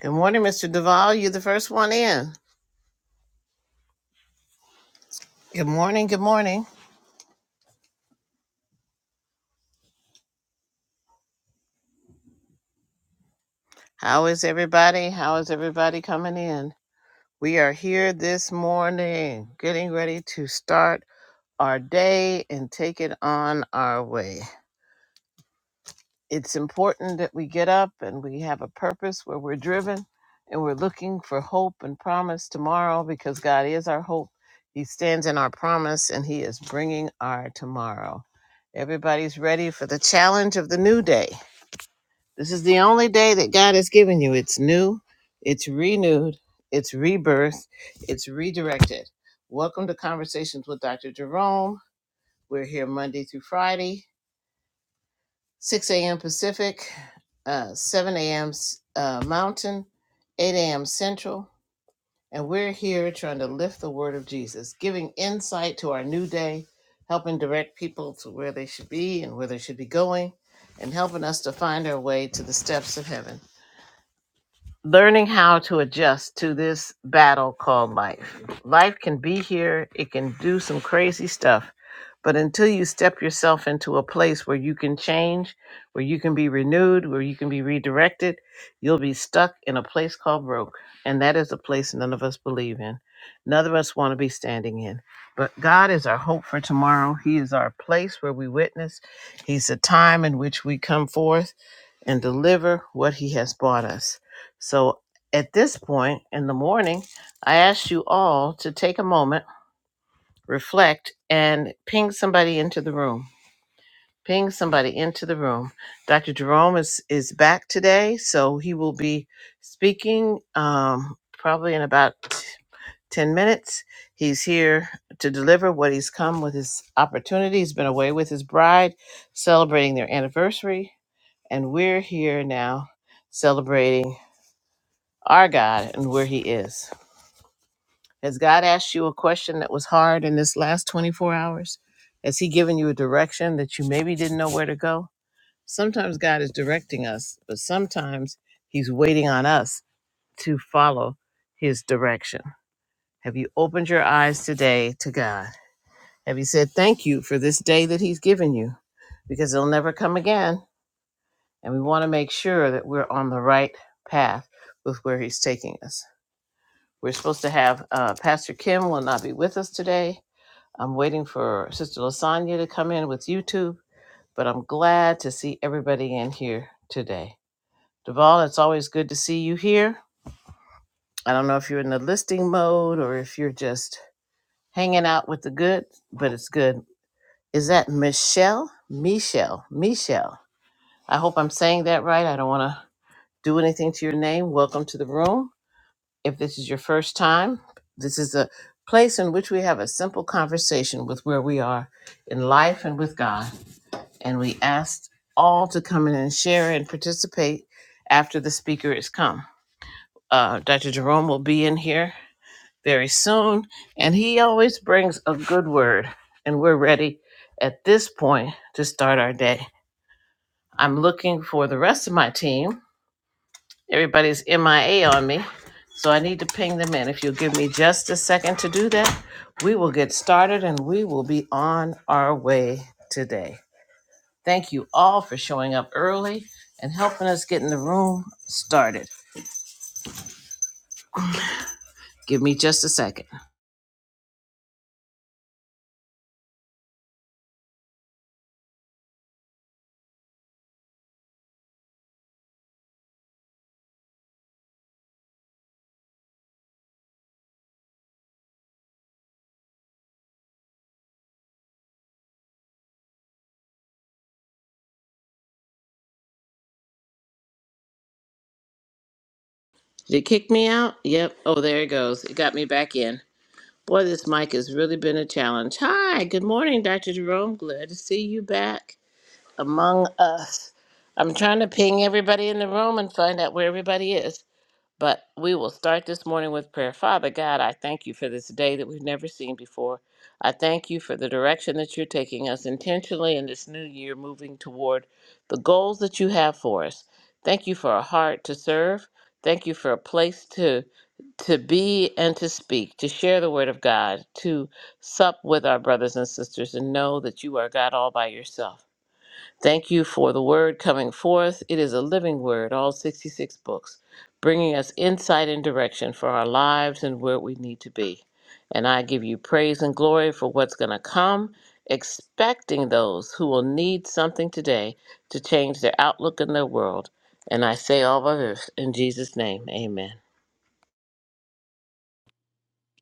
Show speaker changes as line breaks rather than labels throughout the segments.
Good morning, Mr. Duval. You're the first one in. Good morning. Good morning. How is everybody? How is everybody coming in? We are here this morning, getting ready to start our day and take it on our way. It's important that we get up and we have a purpose where we're driven and we're looking for hope and promise tomorrow because God is our hope. He stands in our promise and He is bringing our tomorrow. Everybody's ready for the challenge of the new day. This is the only day that God has given you. It's new, it's renewed, it's rebirth, it's redirected. Welcome to Conversations with Dr. Jerome. We're here Monday through Friday, 6 a.m. Pacific, uh, 7 a.m. S- Uh, Mountain, 8 a.m. Central. And we're here trying to lift the word of Jesus, giving insight to our new day, helping direct people to where they should be and where they should be going, and helping us to find our way to the steps of heaven. learning how to adjust to this battle called life. Life can be here, it can do some crazy stuff, but until you step yourself into a place where you can change, where you can be renewed, where you can be redirected, you'll be stuck in a place called broke. And that is a place none of us believe in. None of us want to be standing in. But God is our hope for tomorrow. He is our place where we witness. He's the time in which we come forth and deliver what he has brought us. So at this point in the morning, I ask you all to take a moment, reflect, and ping somebody into the room. Ping somebody into the room. Dr. Jerome is, is back today, so he will be speaking um, probably in about 10 minutes. He's here to deliver what he's come with his opportunity. He's been away with his bride, celebrating their anniversary and we're here now celebrating our God and where He is. Has God asked you a question that was hard in this last 24 hours? Has He given you a direction that you maybe didn't know where to go? Sometimes God is directing us, but sometimes He's waiting on us to follow His direction. Have you opened your eyes today to God? Have you said thank you for this day that He's given you? Because it'll never come again and we want to make sure that we're on the right path with where he's taking us. We're supposed to have uh, Pastor Kim will not be with us today. I'm waiting for Sister Lasagna to come in with YouTube, but I'm glad to see everybody in here today. Duval, it's always good to see you here. I don't know if you're in the listing mode or if you're just hanging out with the good, but it's good. Is that Michelle? Michelle. Michelle. I hope I'm saying that right. I don't want to do anything to your name. Welcome to the room. If this is your first time, this is a place in which we have a simple conversation with where we are in life and with God. And we ask all to come in and share and participate after the speaker is come. Uh, Dr. Jerome will be in here very soon, and he always brings a good word. And we're ready at this point to start our day. I'm looking for the rest of my team. Everybody's MIA on me. So I need to ping them in. If you'll give me just a second to do that, we will get started and we will be on our way today. Thank you all for showing up early and helping us get in the room started. Give me just a second. Did it kick me out? Yep. Oh, there it goes. It got me back in. Boy, this mic has really been a challenge. Hi, good morning, Dr. Jerome. Glad to see you back among us. I'm trying to ping everybody in the room and find out where everybody is. But we will start this morning with prayer. Father God, I thank you for this day that we've never seen before. I thank you for the direction that you're taking us intentionally in this new year, moving toward the goals that you have for us. Thank you for a heart to serve. Thank you for a place to to be and to speak, to share the word of God, to sup with our brothers and sisters and know that you are God all by yourself. Thank you for the word coming forth. It is a living word, all 66 books, bringing us insight and direction for our lives and where we need to be. And I give you praise and glory for what's going to come, expecting those who will need something today to change their outlook in their world. And I say all of this in Jesus' name. Amen.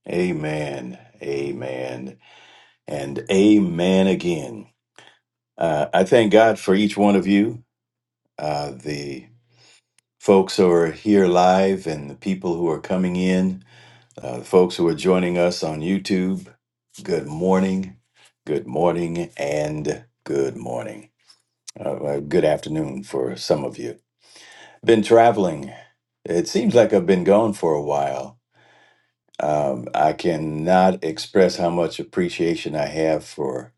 Amen. Amen. And amen again. Uh, I thank God for each one of you, uh, the folks who are here live and the people who are coming in, uh, the folks who are joining us on YouTube. Good morning. Good morning and good morning. Uh, uh, good afternoon for some of you. Been traveling. It seems like I've been gone for a while Um, I cannot express how much appreciation I have for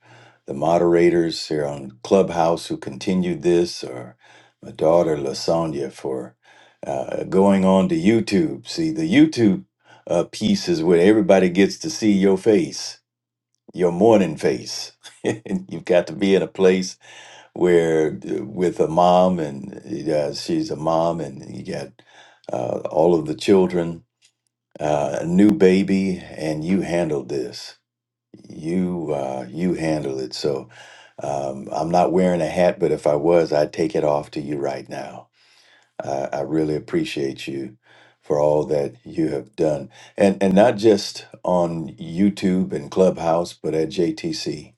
the moderators here on Clubhouse who continued this, or my daughter Lasagna for uh, going on to YouTube. See, the YouTube uh, piece is where everybody gets to see your face, your morning face. And You've got to be in a place where, uh, with a mom, and uh, she's a mom, and you got uh, all of the children uh, new baby, and you handled this. You uh, you handle it. So um, I'm not wearing a hat, but if I was, I'd take it off to you right now. I I really appreciate you for all that you have done, and and not just on YouTube and Clubhouse, but at JTC,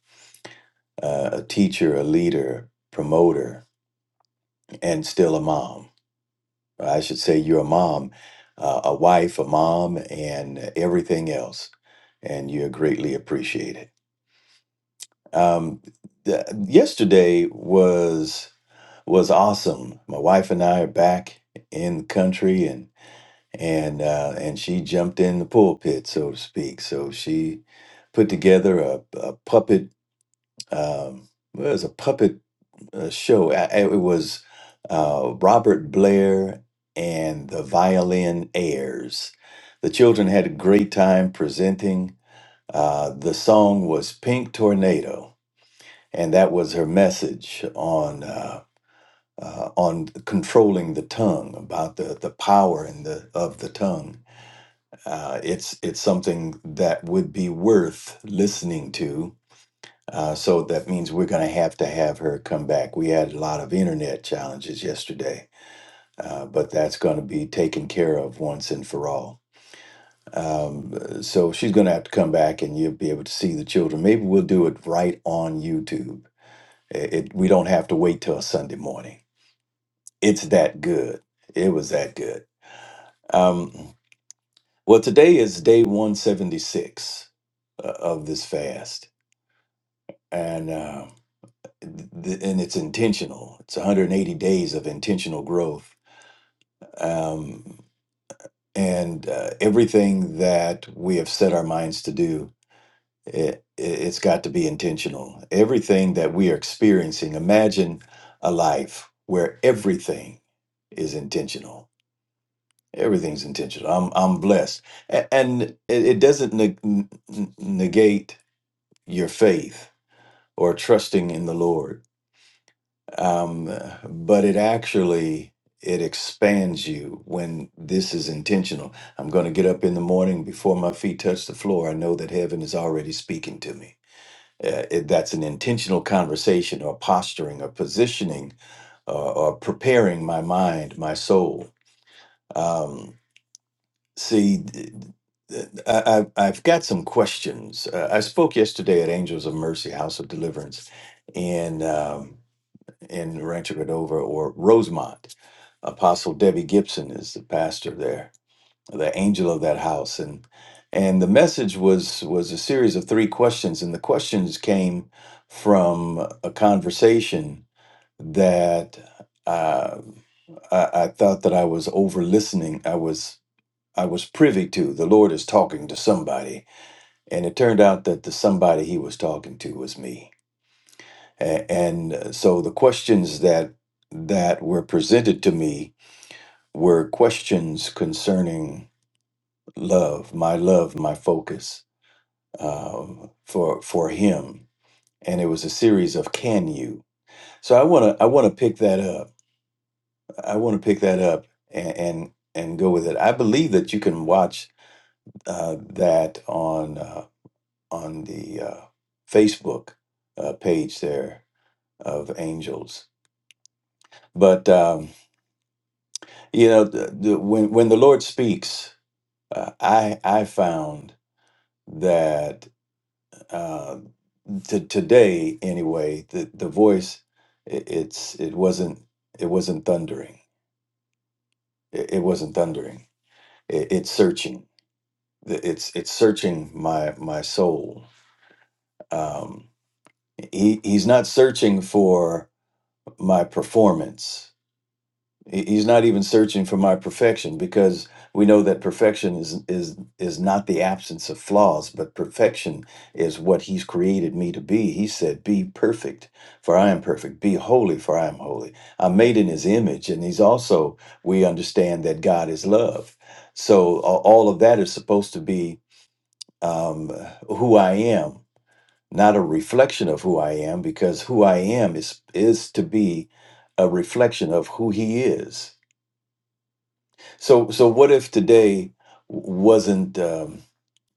uh, a teacher, a leader, promoter, and still a mom I should say you're a mom, uh, a wife, a mom, and everything else. And you're greatly appreciated. Um, th- yesterday was was awesome. My wife and I are back in the country, and and uh, and she jumped in the pulpit, so to speak. So she put together a, a puppet. Um, well, it was a puppet uh, show. I, I- it was uh, Robert Blair and the Violin Airs. The children had a great time presenting. Uh, the song was "Pink Tornado," and that was her message on uh, uh, on controlling the tongue, about the the power and the of the tongue. Uh, it's it's something that would be worth listening to uh, so that means we're going to have to have her come back. We had a lot of internet challenges yesterday, uh, but that's going to be taken care of once and for all. Um, so she's going to have to come back and you'll be able to see the children. Maybe we'll do it right on YouTube. It, it, we don't have to wait till Sunday morning. It's that good. It was that good. Um, well, today is day 176 uh, of this fast. And. Uh, th- and it's intentional. It's 180 days of intentional growth. Um, and uh, everything that we have set our minds to do, it, it's got to be intentional. Everything that we are experiencing, imagine a life where everything is intentional. Everything's intentional. I'm, I'm blessed. A- And it, it doesn't neg- n- n- negate your faith or trusting in the Lord um, but it actually it expands you when this is intentional i'm going to get up in the morning before my feet touch the floor i know that heaven is already speaking to me Uh, it- that's an intentional conversation or posturing or positioning or, or preparing my mind my soul um, see th- th- I, I- i've got some questions uh, i spoke yesterday at angels of mercy house of deliverance and um, in Rancho Cordova or Rosemont. Apostle Debbie Gibson is the pastor there, the angel of that house, and and the message was was a series of three questions, and the questions came from a conversation that uh, I, I thought that I was over listening. I was I was privy to the Lord is talking to somebody, and it turned out that the somebody He was talking to was me a- And uh, so the questions that that were presented to me were questions concerning love, my love, my focus um, for for him, and it was a series of "Can you?" So I want to I want to pick that up. I want to pick that up and, and and go with it. I believe that you can watch uh, that on uh, on the uh, Facebook uh, page there of Angels, but. Um, You know, the, the, when when the Lord speaks, uh, I I found that uh, to today anyway, the the voice it, it's it wasn't it wasn't thundering. It, it wasn't thundering. It, it's searching. The- It's it's searching my my soul. Um, he he's not searching for my performance. He- He's not even searching for my perfection because we know that perfection is is is not the absence of flaws, but perfection is what he's created me to be. He said, "Be perfect, for I am perfect. Be holy, for I am holy." I'm made in his image, and he's also we understand that God is love. So a- all of that is supposed to be um, who I am, not a reflection of who I am, because who I am is is to be a reflection of who he is so, so what if today wasn't um,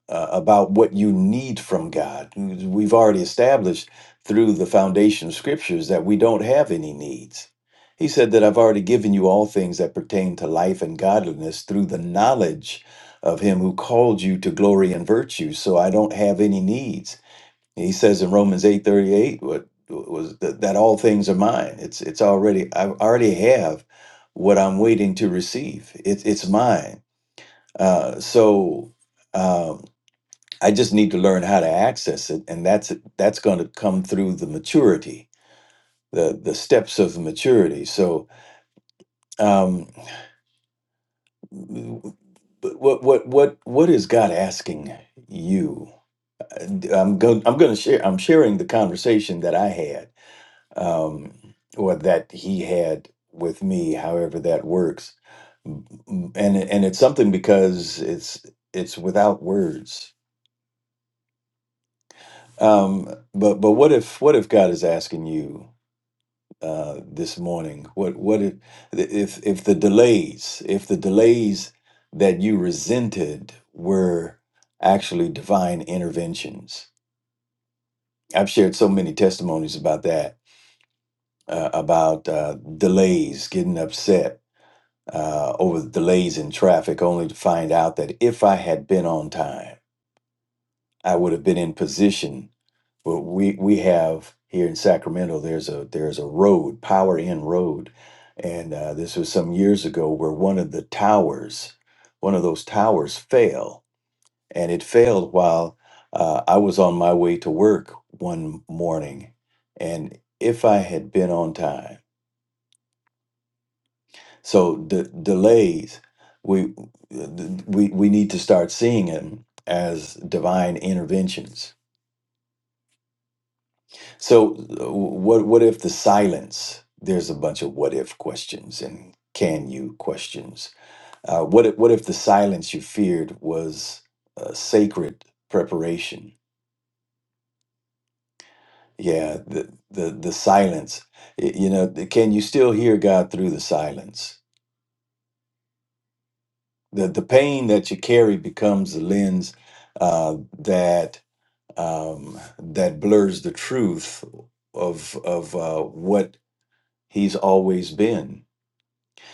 uh, about what you need from God? We've already established through the foundation of scriptures that we don't have any needs. He said that I've already given you all things that pertain to life and godliness through the knowledge of him who called you to glory and virtue. So I don't have any needs. He says in Romans 8:38 what was that, that all things are mine. It's it's already I already have what I'm waiting to receive. It's it's mine. Uh, so um, I just need to learn how to access it and that's that's going to come through the maturity, the the steps of maturity. So um but what what what what is God asking you? I'm going I'm going to share I'm sharing the conversation that I had um, or that he had with me, however that works. M- And it- and it's something because it's it's without words. Um, but but what if what if God is asking you uh, this morning? What what if if if the delays if the delays that you resented were actually divine interventions? I've shared so many testimonies about that uh, about uh, delays, getting upset uh, over the delays in traffic, only to find out that if I had been on time, I would have been in position. But we we have here in Sacramento, there's a there's a road, Power In Road, and uh, this was some years ago where one of the towers, one of those towers, fell, and it failed while uh, I was on my way to work one morning, and if I had been on time. So the delays, we we we need to start seeing them as divine interventions. So uh, what what if the silence? There's a bunch of what if questions and can you questions. Uh, what if, what if the silence you feared was uh, sacred preparation? Yeah, the the the silence. Y- You know, the- can you still hear God through the silence? The the pain that you carry becomes the lens uh, that um, that blurs the truth of of uh, what he's always been.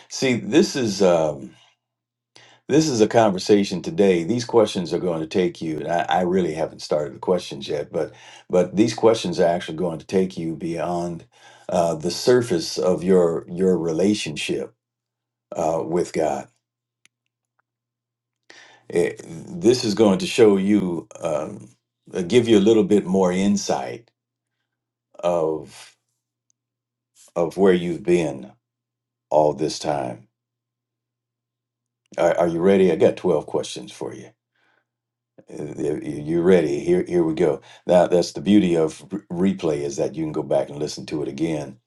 See, this is um, this is a conversation today. These questions are going to take you, and I, I really haven't started the questions yet, but but these questions are actually going to take you beyond uh, the surface of your your relationship uh, with God. It- this is going to show you, um, uh, give you a little bit more insight of of where you've been all this time. Are, are you ready? I got 12 questions for you. Uh, you ready. Here, here we go. Now, that's the beauty of re- replay is that you can go back and listen to it again.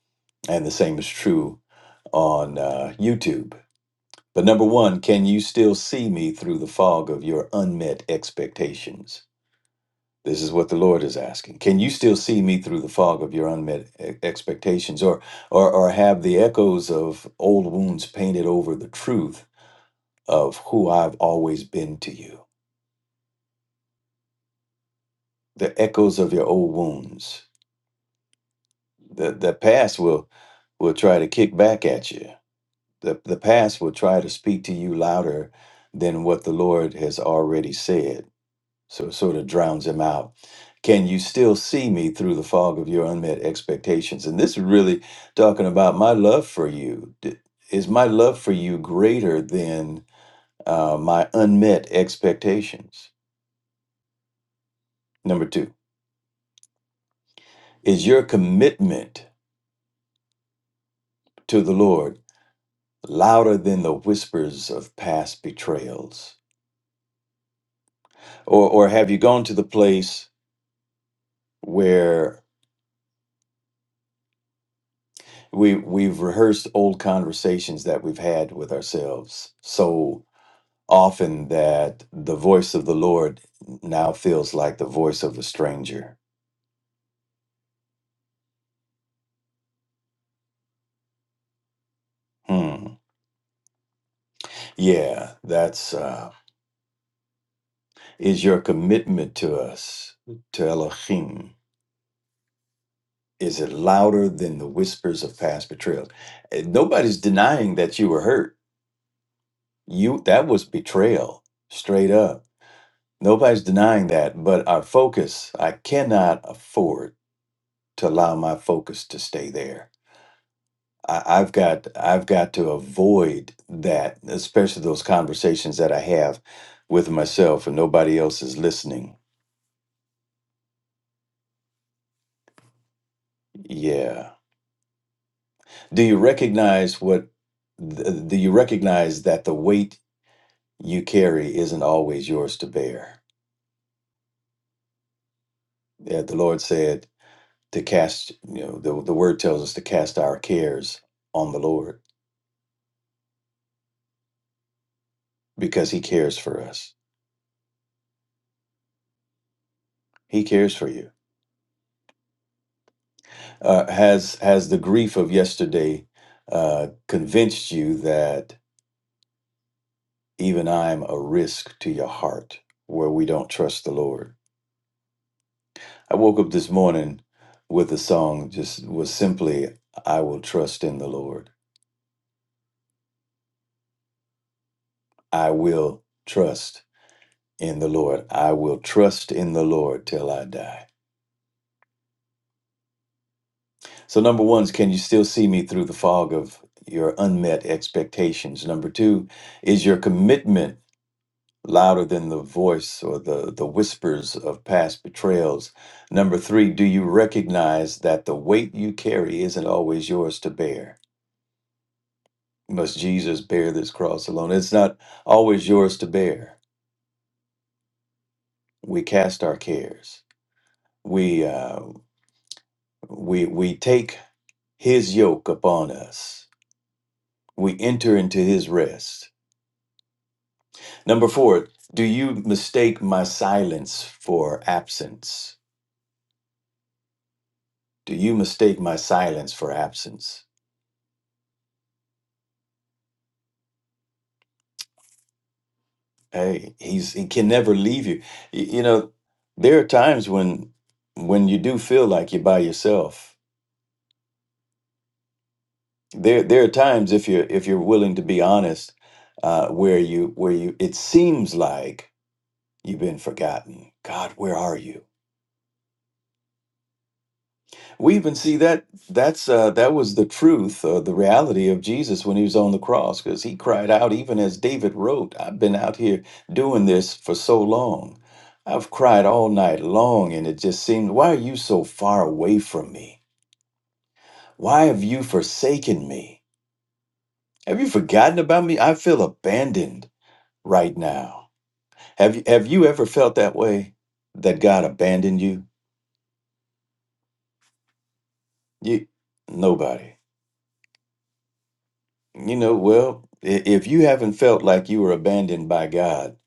And the same is true on uh, YouTube. But number one, can you still see me through the fog of your unmet expectations? This is what the Lord is asking. Can you still see me through the fog of your unmet e- expectations, or, or, or have the echoes of old wounds painted over the truth of who I've always been to you. The echoes of your old wounds. The the past will will try to kick back at you. The the past will try to speak to you louder than what the Lord has already said. So it sort of drowns him out. Can you still see me through the fog of your unmet expectations? And this is really talking about my love for you. D- Is my love for you greater than uh, my unmet expectations? Number two. Is your commitment to the Lord louder than the whispers of past betrayals? Or, or have you gone to the place where we, we've rehearsed old conversations that we've had with ourselves so often that the voice of the Lord now feels like the voice of a stranger? Hmm. Yeah, that's uh, is your commitment to us, to Elohim. Is it louder than the whispers of past betrayals? Eh, Nobody's denying that you were hurt. You that was betrayal, straight up. Nobody's denying that, but our focus, I cannot afford to allow my focus to stay there. I, I've got I've got to avoid that, especially those conversations that I have with myself and nobody else is listening. Yeah. Do you recognize what th- do you recognize that the weight you carry isn't always yours to bear. Yeah, the Lord said to cast, you know, the, the word tells us to cast our cares on the Lord because he cares for us. He cares for you. Uh, has has the grief of yesterday uh, convinced you that even I'm a risk to your heart where we don't trust the Lord? I woke up this morning with a song just was simply I will trust in the Lord. I will trust in the Lord. I will trust in the Lord till I die. So, number one is can you still see me through the fog of your unmet expectations? Number two is your commitment louder than the voice or the, the whispers of past betrayals? Number three, do you recognize that the weight you carry isn't always yours to bear? Must Jesus bear this cross alone? It's not always yours to bear. We cast our cares. We uh, we we take his yoke upon us. We enter into his rest. Number four, do you mistake my silence for absence? Do you mistake my silence for absence? Hey, he's he can never leave you. Y- You know, there are times when when you do feel like you're by yourself. There there are times if you're if you're willing to be honest, uh, where you where you it seems like you've been forgotten. God, where are you? We even see that that's uh, that was the truth, uh, the reality of Jesus when he was on the cross, because he cried out, even as David wrote, "I've been out here doing this for so long. I've cried all night long, and it just seemed, why are you so far away from me? Why have you forsaken me? Have you forgotten about me? I feel abandoned right now. Have you have you ever felt that way? That God abandoned you? You nobody. You know, well, i- if you haven't felt like you were abandoned by God,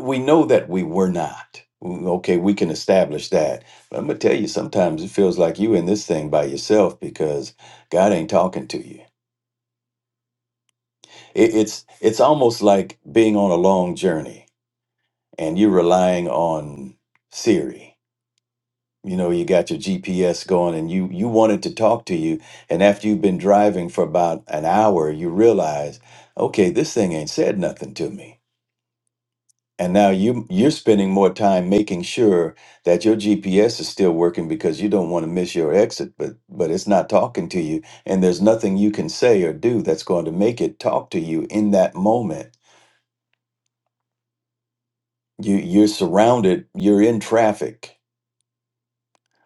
we know that we were not. Okay, we can establish that. But I'm going to tell you, sometimes it feels like you in this thing by yourself because God ain't talking to you. It, it's it's almost like being on a long journey and you're relying on Siri. You know, you got your GPS going and you you wanted to talk to you and after you've been driving for about an hour, you realize, okay, this thing ain't said nothing to me And now you you're spending more time making sure that your GPS is still working because you don't want to miss your exit, but but it's not talking to you, and there's nothing you can say or do that's going to make it talk to you in that moment. You you're surrounded, you're in traffic,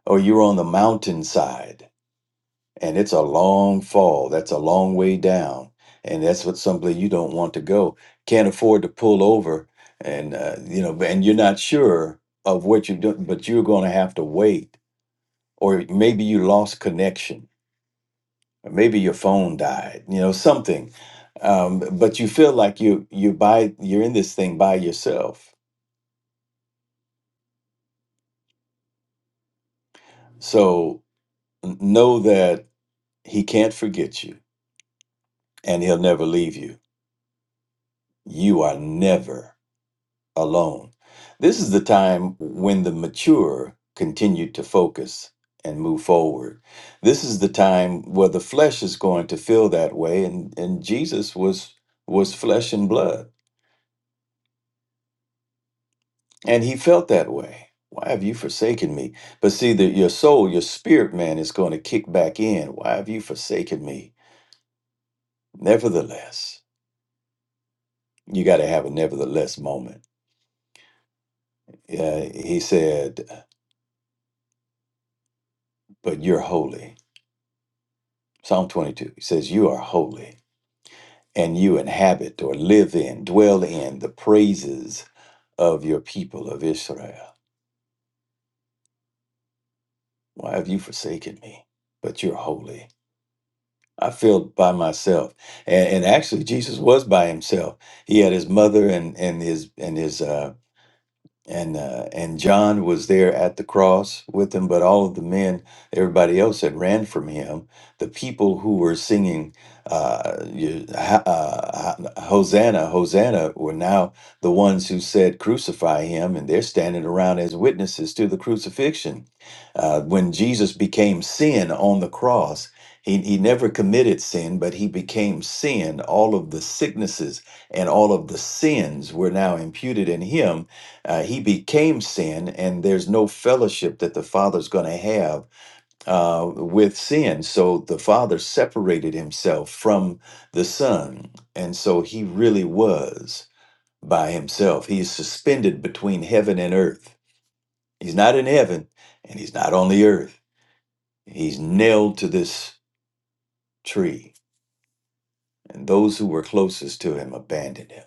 or you're on the mountainside and it's a long fall. That's a long way down, and that's what someplace you don't want to go. Can't afford to pull over, and uh, you know, and you're not sure of what you're doing, but you're going to have to wait, or maybe you lost connection, or maybe your phone died, you know, something. Um, but you feel like you you by you're in this thing by yourself. So n- know that he can't forget you, and he'll never leave you. You are never alone. This is the time when the mature continue to focus and move forward. This is the time where the flesh is going to feel that way and and Jesus was was flesh and blood and he felt that way. Why have you forsaken me? But see that your soul, your spirit man is going to kick back in. Why have you forsaken me? Nevertheless, you got to have a nevertheless moment. Yeah, he said, but you're holy. Psalm 22 he says, You are holy and you inhabit or live in, dwell in the praises of your people of Israel. Why have you forsaken me? But you're holy. I feel by myself, and, and actually Jesus was by himself. He had his mother and and his and his uh, and uh, and John was there at the cross with him, but all of the men, everybody else had ran from him. The people who were singing uh, you- ha- uh, ha- Hosanna, Hosanna, were now the ones who said crucify him, and they're standing around as witnesses to the crucifixion. Uh, when Jesus became sin on the cross. He, he never committed sin, but he became sin. All of the sicknesses and all of the sins were now imputed in him uh, he became sin, and there's no fellowship that the Father's going to have uh, with sin. So the Father separated himself from the Son. And so he really was by himself. He's suspended between heaven and earth. He's not in heaven, and he's not on the earth. He's nailed to this tree. And those who were closest to him abandoned him.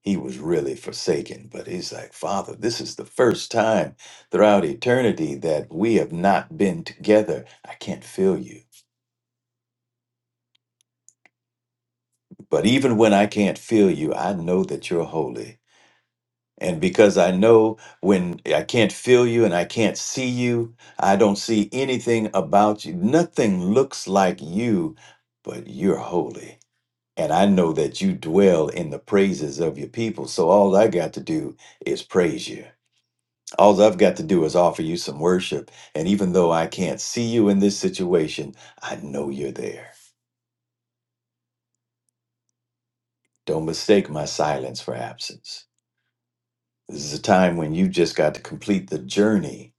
he was really forsaken. But he's like, Father, this is the first time throughout eternity that we have not been together. I can't feel you. But even when I can't feel you, I know that you're holy. And because I know when I can't feel you and I can't see you, I don't see anything about you. Nothing looks like you, but you're holy. And I know that you dwell in the praises of your people. So all I got to do is praise you. All I've got to do is offer you some worship. And even though I can't see you in this situation, I know you're there. Don't mistake my silence for absence. This is a time when you've just got to complete the journey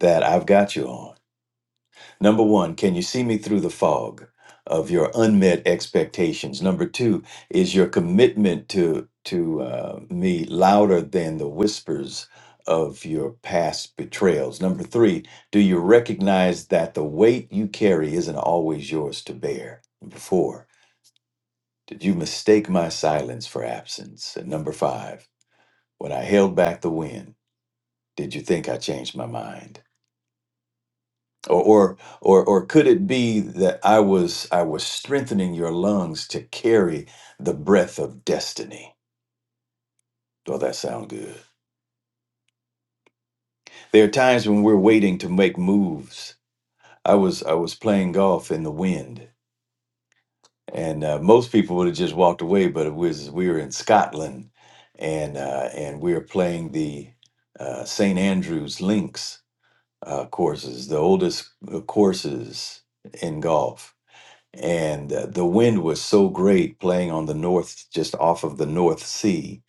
that I've got you on. Number one, can you see me through the fog of your unmet expectations? Number two, is your commitment to to uh, me louder than the whispers of your past betrayals? Number three, do you recognize that the weight you carry isn't always yours to bear? Number four, did you mistake my silence for absence? And number five, when I held back the wind, did you think I changed my mind? or or or or could it be that i was i was strengthening your lungs to carry the breath of destiny well that sound good there are times when we're waiting to make moves i was i was playing golf in the wind and uh, most people would have just walked away but it was we were in scotland and uh, and we were playing the uh, st andrews links uh, courses the oldest uh, courses in golf and uh, the wind was so great playing on the north just off of the north sea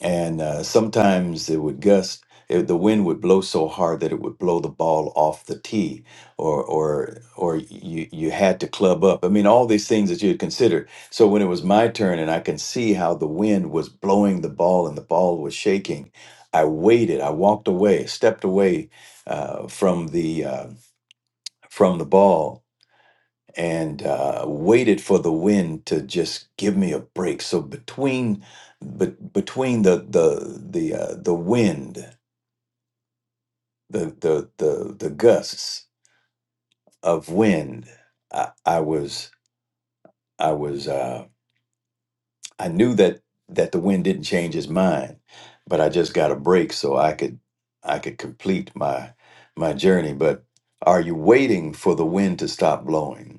and uh, sometimes it would gust it, the wind would blow so hard that it would blow the ball off the tee or or or you you had to club up i mean all these things that you had considered. so when it was my turn and i can see how the wind was blowing the ball and the ball was shaking i waited i walked away stepped away uh, from the uh, from the ball and uh, waited for the wind to just give me a break. So between, but between the the the uh, the wind, the the the the gusts of wind, I, I was I was uh, I knew that that the wind didn't change his mind, but I just got a break so I could I could complete my my journey. But are you waiting for the wind to stop blowing?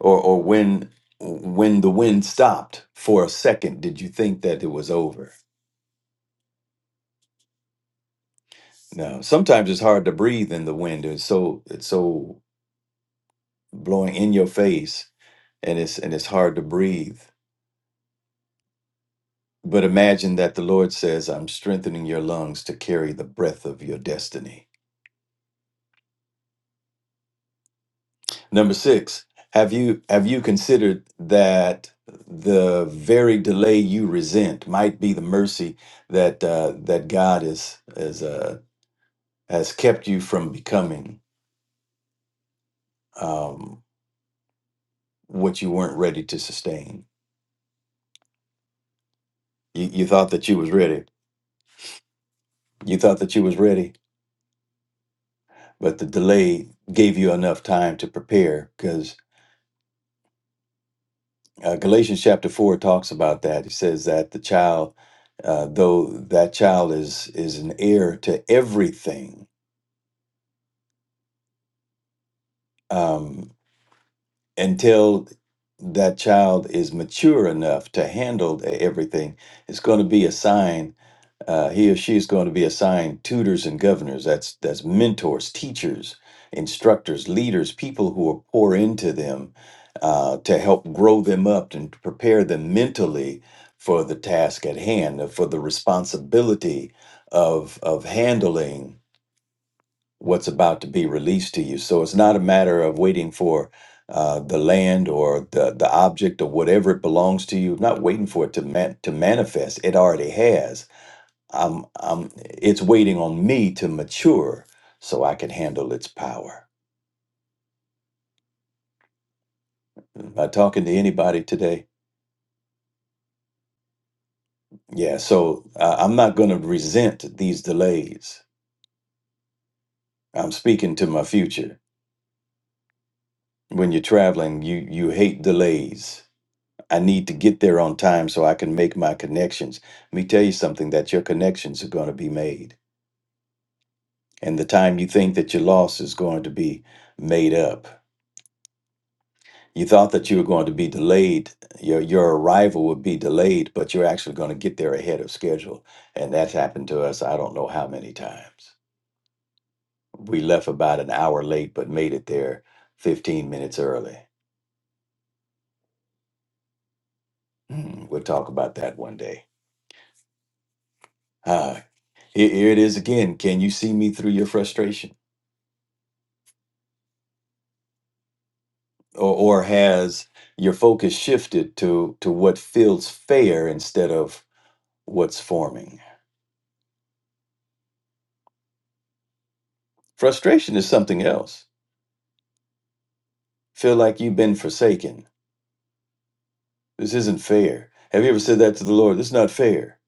or or when when the wind stopped for a second did you think that it was over no sometimes it's hard to breathe in the wind it's so it's so blowing in your face and it's and it's hard to breathe but imagine that the lord says i'm strengthening your lungs to carry the breath of your destiny number 6 have you have you considered that the very delay you resent might be the mercy that uh, that God is is uh, has kept you from becoming um, what you weren't ready to sustain. You, you thought that you was ready. You thought that you was ready, but the delay gave you enough time to prepare. Because uh, Galatians chapter four talks about that. It says that the child, uh, though that child is is an heir to everything, um, until that child is mature enough to handle e-, everything, it's going to be a sign uh, he or she is going to be assigned tutors and governors. That's that's mentors, teachers, instructors, leaders, people who will pour into them uh, to help grow them up and to prepare them mentally for the task at hand, uh, for the responsibility of of handling what's about to be released to you. So it's not a matter of waiting for. Uh, the land or the, the object or whatever it belongs to you, not waiting for it to man- to manifest. It already has I'm, I'm, it's waiting on me to mature so I can handle its power. Am I talking to anybody today? Yeah, so uh, I'm not going to resent these delays. I'm speaking to my future. When you're traveling, you you hate delays. I need to get there on time so I can make my connections. Let me tell you something that your connections are going to be made. And the time you think that you lost is going to be made up You thought that you were going to be delayed, your your arrival would be delayed, but you're actually going to get there ahead of schedule. And that's happened to us I don't know how many times. We left about an hour late, but made it there 15 minutes early. Mm, we'll talk about that one day. Ah, here, here it is again. Can you see me through your frustration? Or or has your focus shifted to to what feels fair instead of what's forming? Frustration is something else. Feel like you've been forsaken This isn't fair. Have you ever said that to the Lord? This is not fair.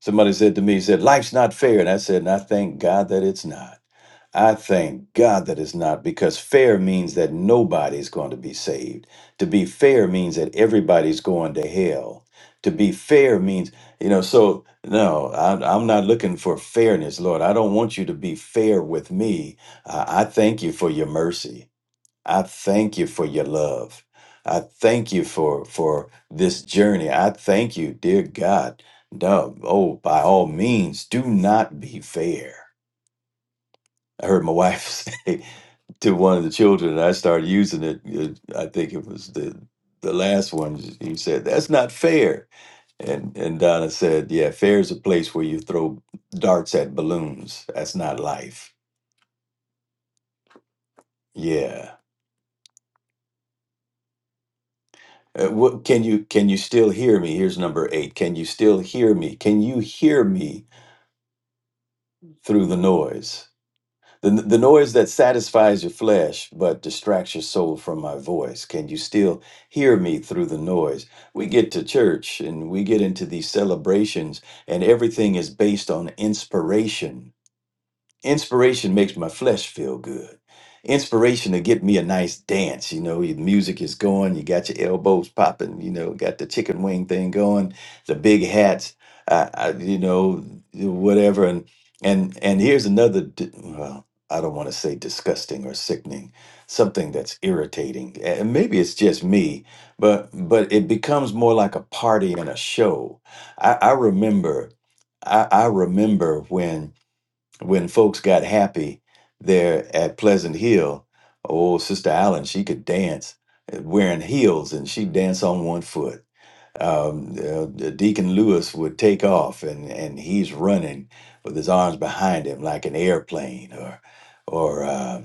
Somebody said to me, said, Life's not fair. And I said, and I thank God that it's not. I thank God that it's not because fair means that nobody's going to be saved. To be fair means that everybody's going to hell. To be fair means, you know, so no, I'm, I'm not looking for fairness, Lord. I don't want you to be fair with me. I I thank you for your mercy. I thank you for your love. I thank you for for this journey. I thank you, dear God. No, oh, by all means, do not be fair. I heard my wife say to one of the children, and I started using it. uh, I think it was the the last one. He said, "That's not fair." And and Donna said, "Yeah, fair is a place where you throw darts at balloons. That's not life." Yeah Uh, what, can you can you still hear me? Here's number eight. Can you still hear me? Can you hear me through the noise? The, the noise that satisfies your flesh but distracts your soul from my voice. Can you still hear me through the noise? We get to church and we get into these celebrations, and everything is based on inspiration. Inspiration makes my flesh feel good. Inspiration to get me a nice dance. You know, your music is going, you got your elbows popping, you know, got the chicken wing thing going, the big hats, uh, uh, you know, whatever. And and and here's another. d- Well, I don't want to say disgusting or sickening, something that's irritating. And maybe it's just me, but but it becomes more like a party and a show. I, I remember, I, I remember when when folks got happy there at Pleasant Hill, oh, Sister Allen, she could dance uh, wearing heels and she danced on one foot um, uh, Deacon Lewis would take off, and and he's running with his arms behind him like an airplane, or or uh,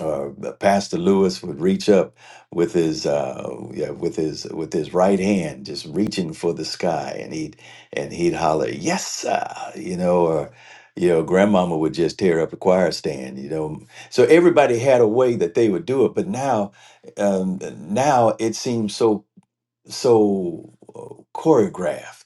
or Pastor Lewis would reach up with his uh, yeah, with his with his right hand, just reaching for the sky, and he'd and he'd holler, "Yes, sir!" You know, or you know, Grandmama would just tear up the choir stand. You know, so everybody had a way that they would do it, but now um, now it seems so so uh, choreographed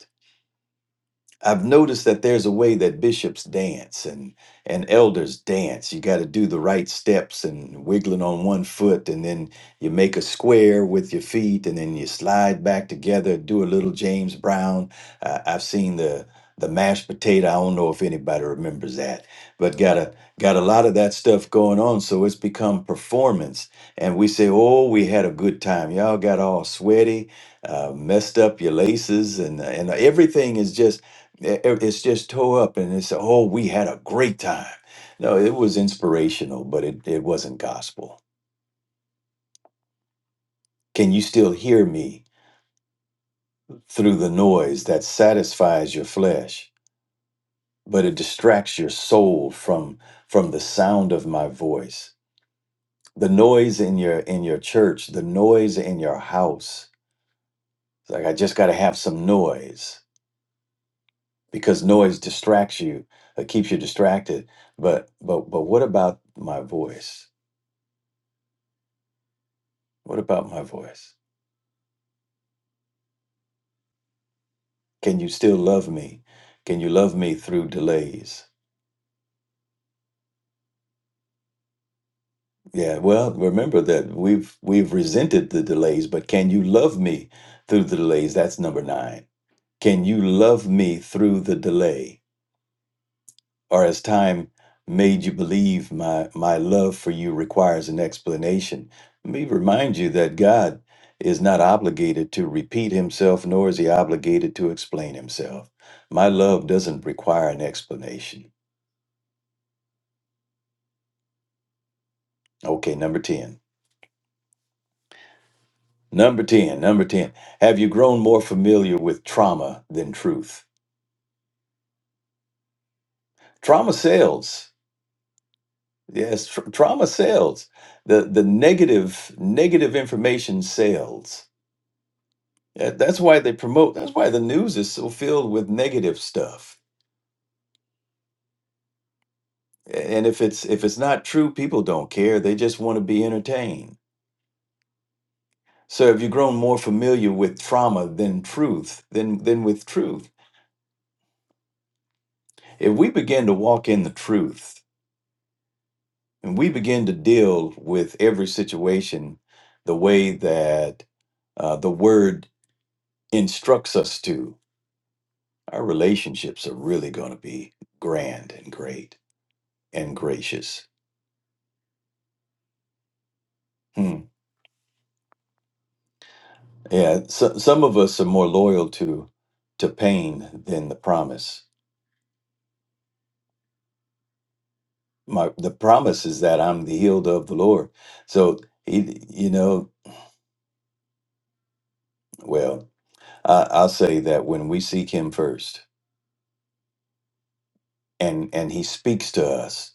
I've noticed that there's a way that bishops dance and and elders dance. You got to do the right steps and wiggling on one foot, and then you make a square with your feet, and then you slide back together. Do a little James Brown. Uh, I've seen the the mashed potato. I don't know if anybody remembers that, but got a got a lot of that stuff going on. So it's become performance, and we say, "Oh, we had a good time." Y'all got all sweaty, uh, messed up your laces, and and everything is just it- it- it's just tore up and it's oh we had a great time no it was inspirational but it, it wasn't gospel can you still hear me through the noise that satisfies your flesh but it distracts your soul from from the sound of my voice the noise in your in your church the noise in your house it's like i just got to have some noise because noise distracts you it keeps you distracted but but but what about my voice what about my voice Can you still love me? Can you love me through delays? Yeah, well, remember that we've we've resented the delays, but can you love me through the delays? That's number 9. Can you love me through the delay? Or as time made you believe my my love for you requires an explanation. Let me remind you that God is not obligated to repeat himself nor is he obligated to explain himself. My love doesn't require an explanation. Okay, number 10. Number 10, number 10. Have you grown more familiar with trauma than truth? Trauma sells. Yes, tr- trauma sells. The the negative negative information sells. Uh, That's why they promote. That's why the news is so filled with negative stuff. A- And if it's if it's not true, people don't care. They just want to be entertained. So have you grown more familiar with trauma than truth than than with truth? If we begin to walk in the truth, And we begin to deal with every situation the way that uh, the word instructs us to, our relationships are really going to be grand and great and gracious. Hmm. Yeah, so, some of us are more loyal to to pain than the promise. My the promise is that I'm the healed of the Lord. So he, you know, well, I, I'll say that when we seek Him first, and and He speaks to us,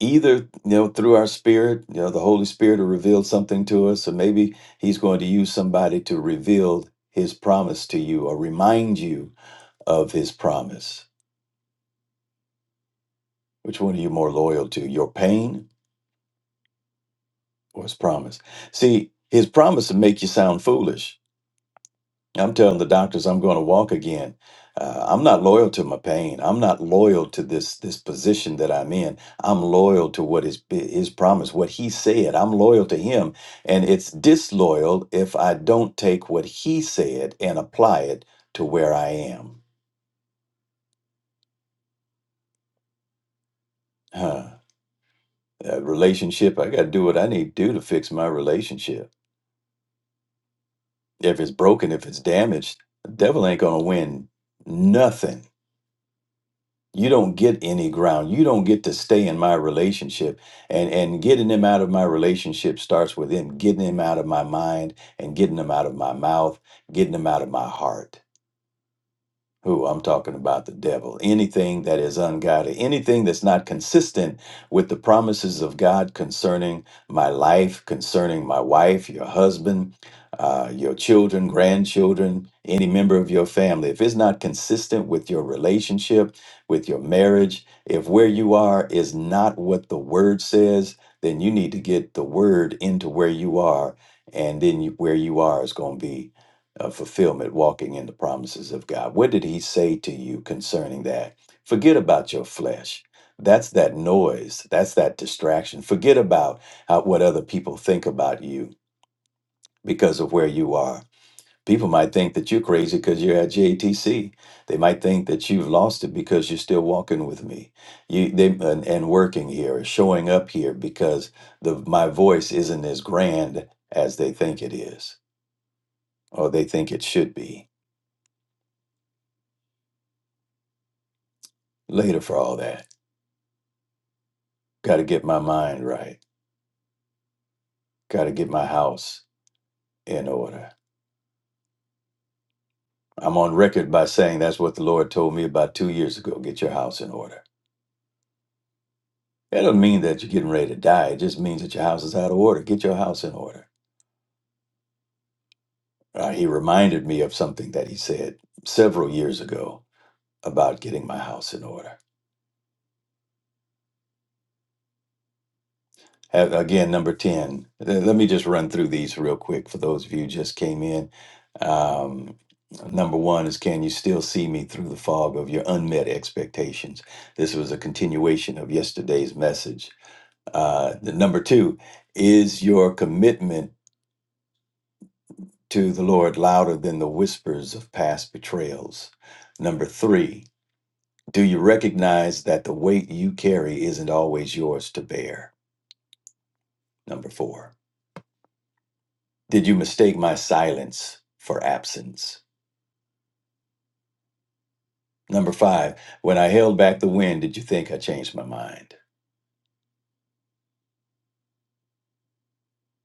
either you know through our spirit you know the holy spirit will reveal something to us or maybe he's going to use somebody to reveal his promise to you or remind you of his promise which one are you more loyal to your pain or his promise see his promise will make you sound foolish I'm telling the doctors I'm going to walk again. Uh, I'm not loyal to my pain. I'm not loyal to this this position that I'm in. I'm loyal to what is his promise, what he said. I'm loyal to him, and it's disloyal if I don't take what he said and apply it to where I am. Huh. That relationship, I got to do what I need to do to fix my relationship. If it's broken, if it's damaged, the devil ain't gonna win nothing you don't get any ground you don't get to stay in my relationship and and getting them out of my relationship starts with him getting him out of my mind and getting them out of my mouth getting them out of my heart who I'm talking about the devil, anything that is ungodly, anything that's not consistent with the promises of God concerning my life, concerning my wife, your husband, uh, your children, grandchildren, any member of your family, if it's not consistent with your relationship, with your marriage, if where you are is not what the word says, then you need to get the word into where you are. And then you, where you are is going to be uh, fulfillment, walking in the promises of God. What did he say to you concerning that? Forget about your flesh. That's that noise. That's that distraction. Forget about how, what other people think about you because of where you are. People might think that you're crazy because you're at JTC. They might think that you've lost it because you're still walking with me, you they, and, and working here, showing up here because the my voice isn't as grand as they think it is, or they think it should be later for all that. Got to get my mind right. Got to get my house in order. I'm on record by saying that's what the Lord told me about two years ago. Get your house in order. That doesn't mean that you're getting ready to die. It just means that your house is out of order. Get your house in order. Uh, he reminded me of something that he said several years ago about getting my house in order. Uh, Again, number 10. Uh, Let me just run through these real quick for those of you who just came in. Um, number one is Can you still see me through the fog of your unmet expectations? This was a continuation of yesterday's message. Uh, the number two is your commitment to the Lord louder than the whispers of past betrayals. Number three, do you recognize that the weight you carry isn't always yours to bear? Number four. Did you mistake my silence for absence? Number five, when I held back the wind, did you think I changed my mind?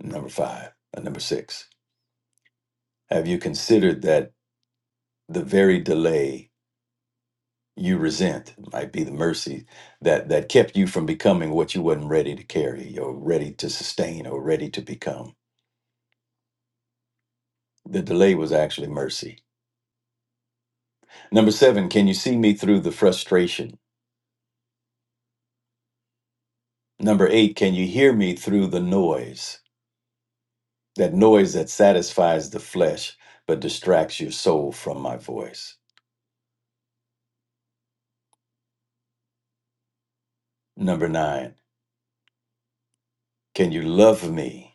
Number five. Uh, Number six, have you considered that the very delay you resent might be the mercy that, that kept you from becoming what you wasn't ready to carry or ready to sustain or ready to become? The delay was actually mercy. Number seven, can you see me through the frustration? Number eight, can you hear me through the noise? that noise that satisfies the flesh but distracts your soul from my voice. Number nine, can you love me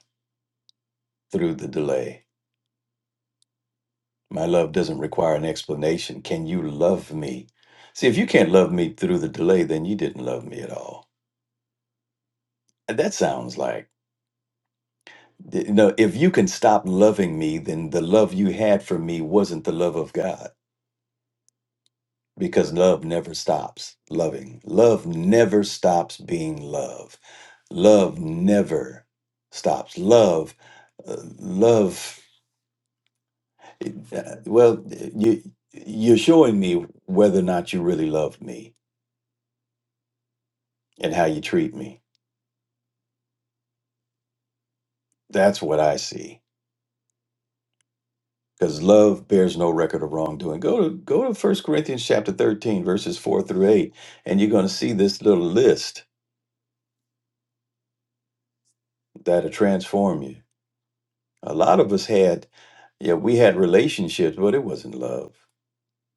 through the delay? My love doesn't require an explanation. Can you love me? See, if you can't love me through the delay, then you didn't love me at all. And That sounds like, you know, if you can stop loving me, then the love you had for me wasn't the love of God because love never stops loving. Love never stops being love Love never stops. Love, uh, love. uh, well, you you're showing me whether or not you really love me and how you treat me. That's what I see. Because love bears no record of wrongdoing. Go to go to First Corinthians chapter 13, verses 4 through 8, and you're going to see this little list that'll transform you. A lot of us had, yeah, we had relationships, but it wasn't love.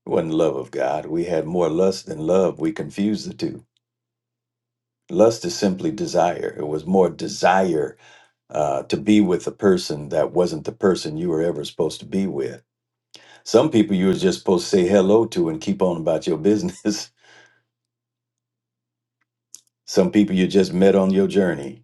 It wasn't love of God. We had more lust than love. We confused the two Lust is simply desire. It was more desire uh, to be with a person that wasn't the person you were ever supposed to be with. Some people you were just supposed to say hello to and keep on about your business. Some people you just met on your journey.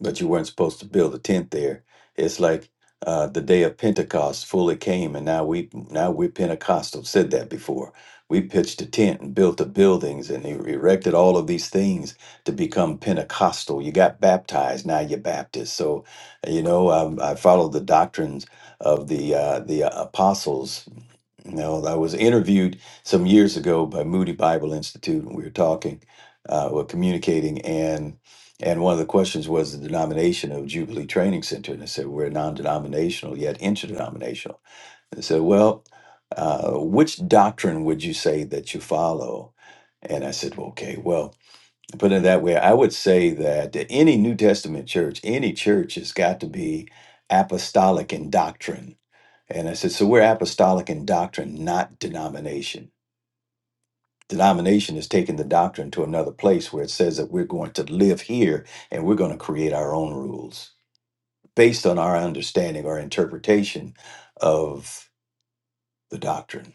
but you weren't supposed to build a tent there. It's like uh, the day of Pentecost fully came, and now we now we're Pentecostal. Said that before. We pitched a tent and built the buildings and e- erected all of these things to become Pentecostal. You got baptized, now you're Baptist. So, you know, I, I followed the doctrines of the uh, the uh, apostles. You know, I was interviewed some years ago by Moody Bible Institute, and we were talking, uh, we communicating, and and one of the questions was the denomination of Jubilee Training Center. And they said, we're non denominational yet interdenominational. They said, well, uh, which doctrine would you say that you follow? And I said, well, okay, well, put it that way, I would say that any New Testament church, any church has got to be apostolic in doctrine. And I said, so we're apostolic in doctrine, not denomination denomination is taking the doctrine to another place where it says that we're going to live here and we're going to create our own rules based on our understanding or interpretation of the doctrine.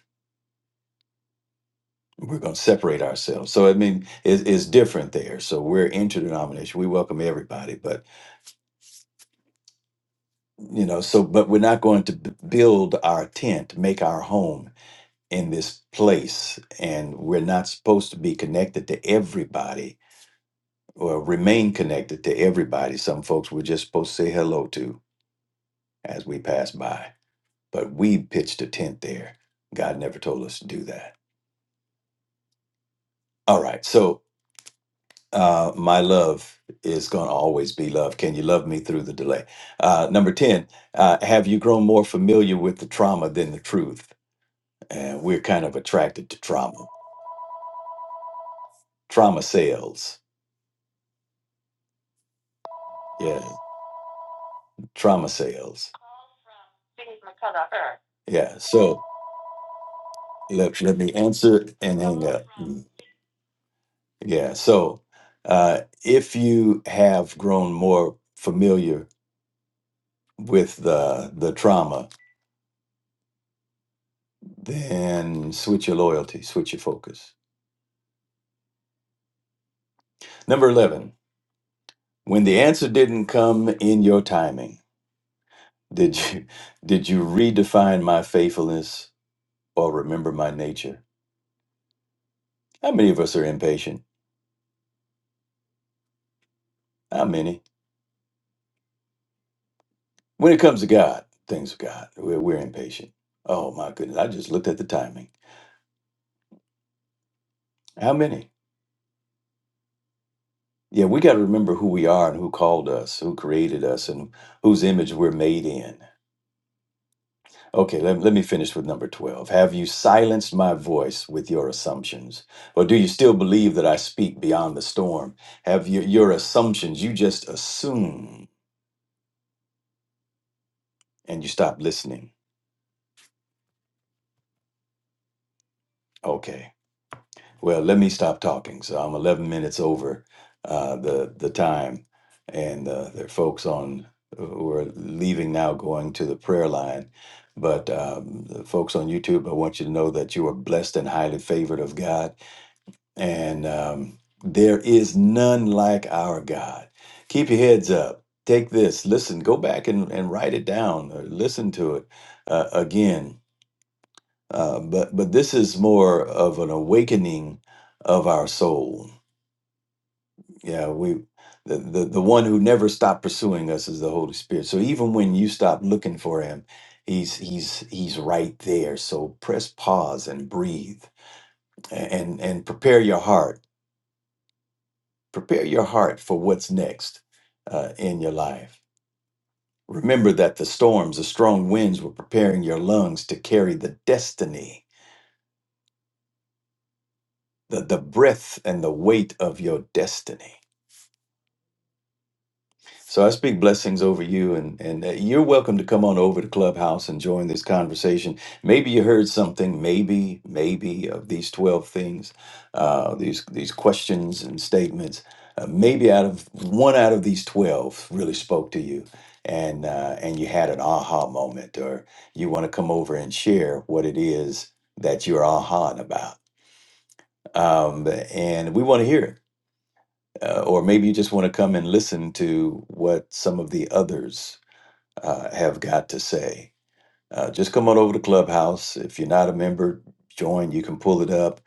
We're going to separate ourselves. So, I mean, it, it's different there. So, we're interdenomination. We welcome everybody, but, you know, so, but we're not going to b- build our tent, make our home in this place. And we're not supposed to be connected to everybody or remain connected to everybody. Some folks we're just supposed to say hello to as we pass by, but we pitched a tent there. God never told us to do that. All right, so uh, my love is going to always be love. Can you love me through the delay? Uh, number 10, uh, have you grown more familiar with the trauma than the truth? And we're kind of attracted to trauma. Trauma sales. Yeah, trauma sales. Yeah, so let, let me answer and hang up. Mm. Yeah. So uh, if you have grown more familiar with the the trauma, then switch your loyalty, switch your focus. Number eleven. When the answer didn't come in your timing, did you did you redefine my faithfulness or remember my nature? How many of us are impatient? How many? When it comes to God, things of God, we're, we're impatient. Oh my goodness! I just looked at the timing. How many? Yeah, we got to remember who we are and who called us, who created us, and whose image we're made in. Okay, let, let me finish with number 12. Have you silenced my voice with your assumptions? Or do you still believe that I speak beyond the storm? Have you, your assumptions, you just assume and you stop listening? Okay. Well, let me stop talking. So I'm 11 minutes over uh, the the time, and uh, there are folks on uh, who are leaving now, going to the prayer line. But um, the folks on YouTube, I want you to know that you are blessed and highly favored of God, and um, there is none like our God. Keep your heads up. Take this. Listen. Go back and, and write it down, or listen to it uh, again uh, but but this is more of an awakening of our soul. Yeah, we the, the the one who never stopped pursuing us is the Holy Spirit. So even when you stop looking for him, he's he's he's right there. So press pause and breathe a- and and prepare your heart. Prepare your heart for what's next uh, in your life. Remember that the storms, the strong winds were preparing your lungs to carry the destiny, the, the breath and the weight of your destiny So I speak blessings over you, and and uh, you're welcome to come on over to Clubhouse and join this conversation. Maybe you heard something, maybe maybe of these twelve things, uh, these these questions and statements. Uh, maybe out of one out of these twelve really spoke to you, and uh, and you had an aha moment, or you want to come over and share what it is that you're ahaing about. Um, and we want to hear it uh, or maybe you just want to come and listen to what some of the others uh, have got to say. Uh, just come on over to Clubhouse. If you're not a member, join. You can pull it up.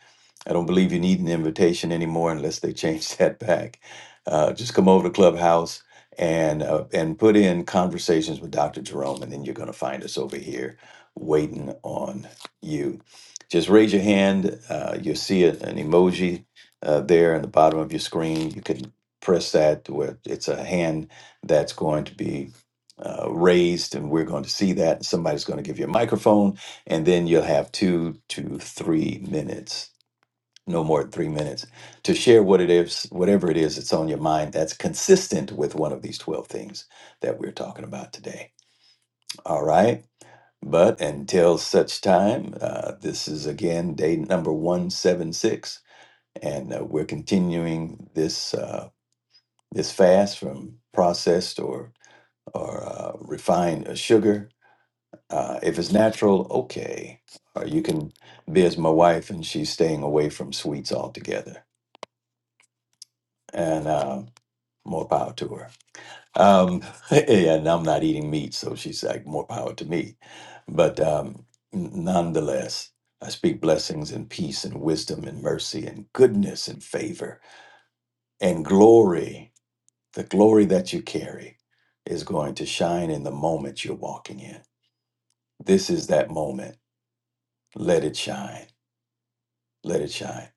I don't believe you need an invitation anymore unless they change that back. Uh, just come over to Clubhouse and uh, and put in conversations with Dr. Jerome, and then you're going to find us over here waiting on you. Just raise your hand. Uh, you'll see it, an emoji uh, there in the bottom of your screen. You can press that where it's a hand that's going to be uh, raised, and we're going to see that. Somebody's going to give you a microphone, and then you'll have two to three minutes, no more than three minutes, to share what it is, whatever it is that's on your mind that's consistent with one of these 12 things that we're talking about today. All right. But until such time, uh, this is again day number 176, and uh, we're continuing this. Uh, this fast from processed or or uh, refined uh, sugar Uh, if it's natural, okay. Or you can be as my wife and she's staying away from sweets altogether. And uh, more power to her. Um, and I'm not eating meat, so she's like, more power to me. But um, n- nonetheless, I speak blessings and peace and wisdom and mercy and goodness and favor and glory. The glory that you carry is going to shine in the moment you're walking in. This is that moment. Let it shine let it shine.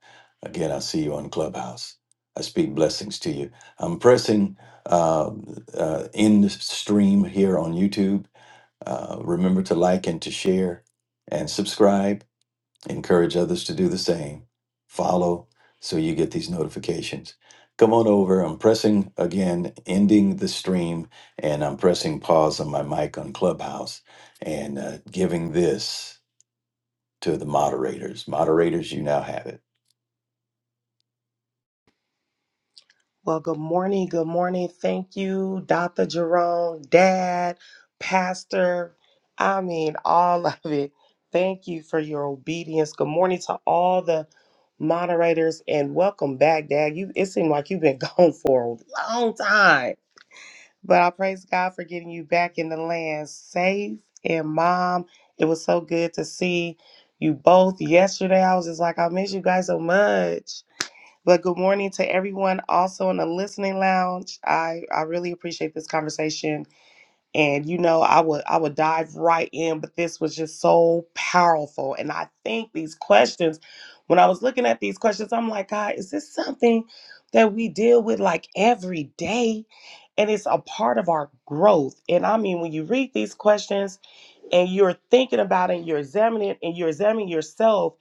Again, I see you on Clubhouse. I speak blessings to you. I'm pressing uh, uh, end stream here on YouTube. Uh, remember to like and to share and subscribe. Encourage others to do the same. Follow so you get these notifications. Come on over. I'm pressing again, ending the stream, and I'm pressing pause on my mic on Clubhouse and uh, giving this to the moderators. Moderators, you now have it.
Well, good morning. Good morning. Thank you, Dr. Jerome, Dad, Pastor. I mean, all of it. Thank you for your obedience. Good morning to all the moderators and welcome back, Dad. You it seemed like you've been gone for a long time. But I praise God for getting you back in the land safe. And mom, it was so good to see you both yesterday. I was just like, I miss you guys so much. But good morning to everyone also in the listening lounge. I, I really appreciate this conversation. And you know, I would I would dive right in, but this was just so powerful. And I think these questions, when I was looking at these questions, I'm like, God, is this something that we deal with like every day? And it's a part of our growth. And I mean, when you read these questions and you're thinking about it and you're examining it and you're examining yourself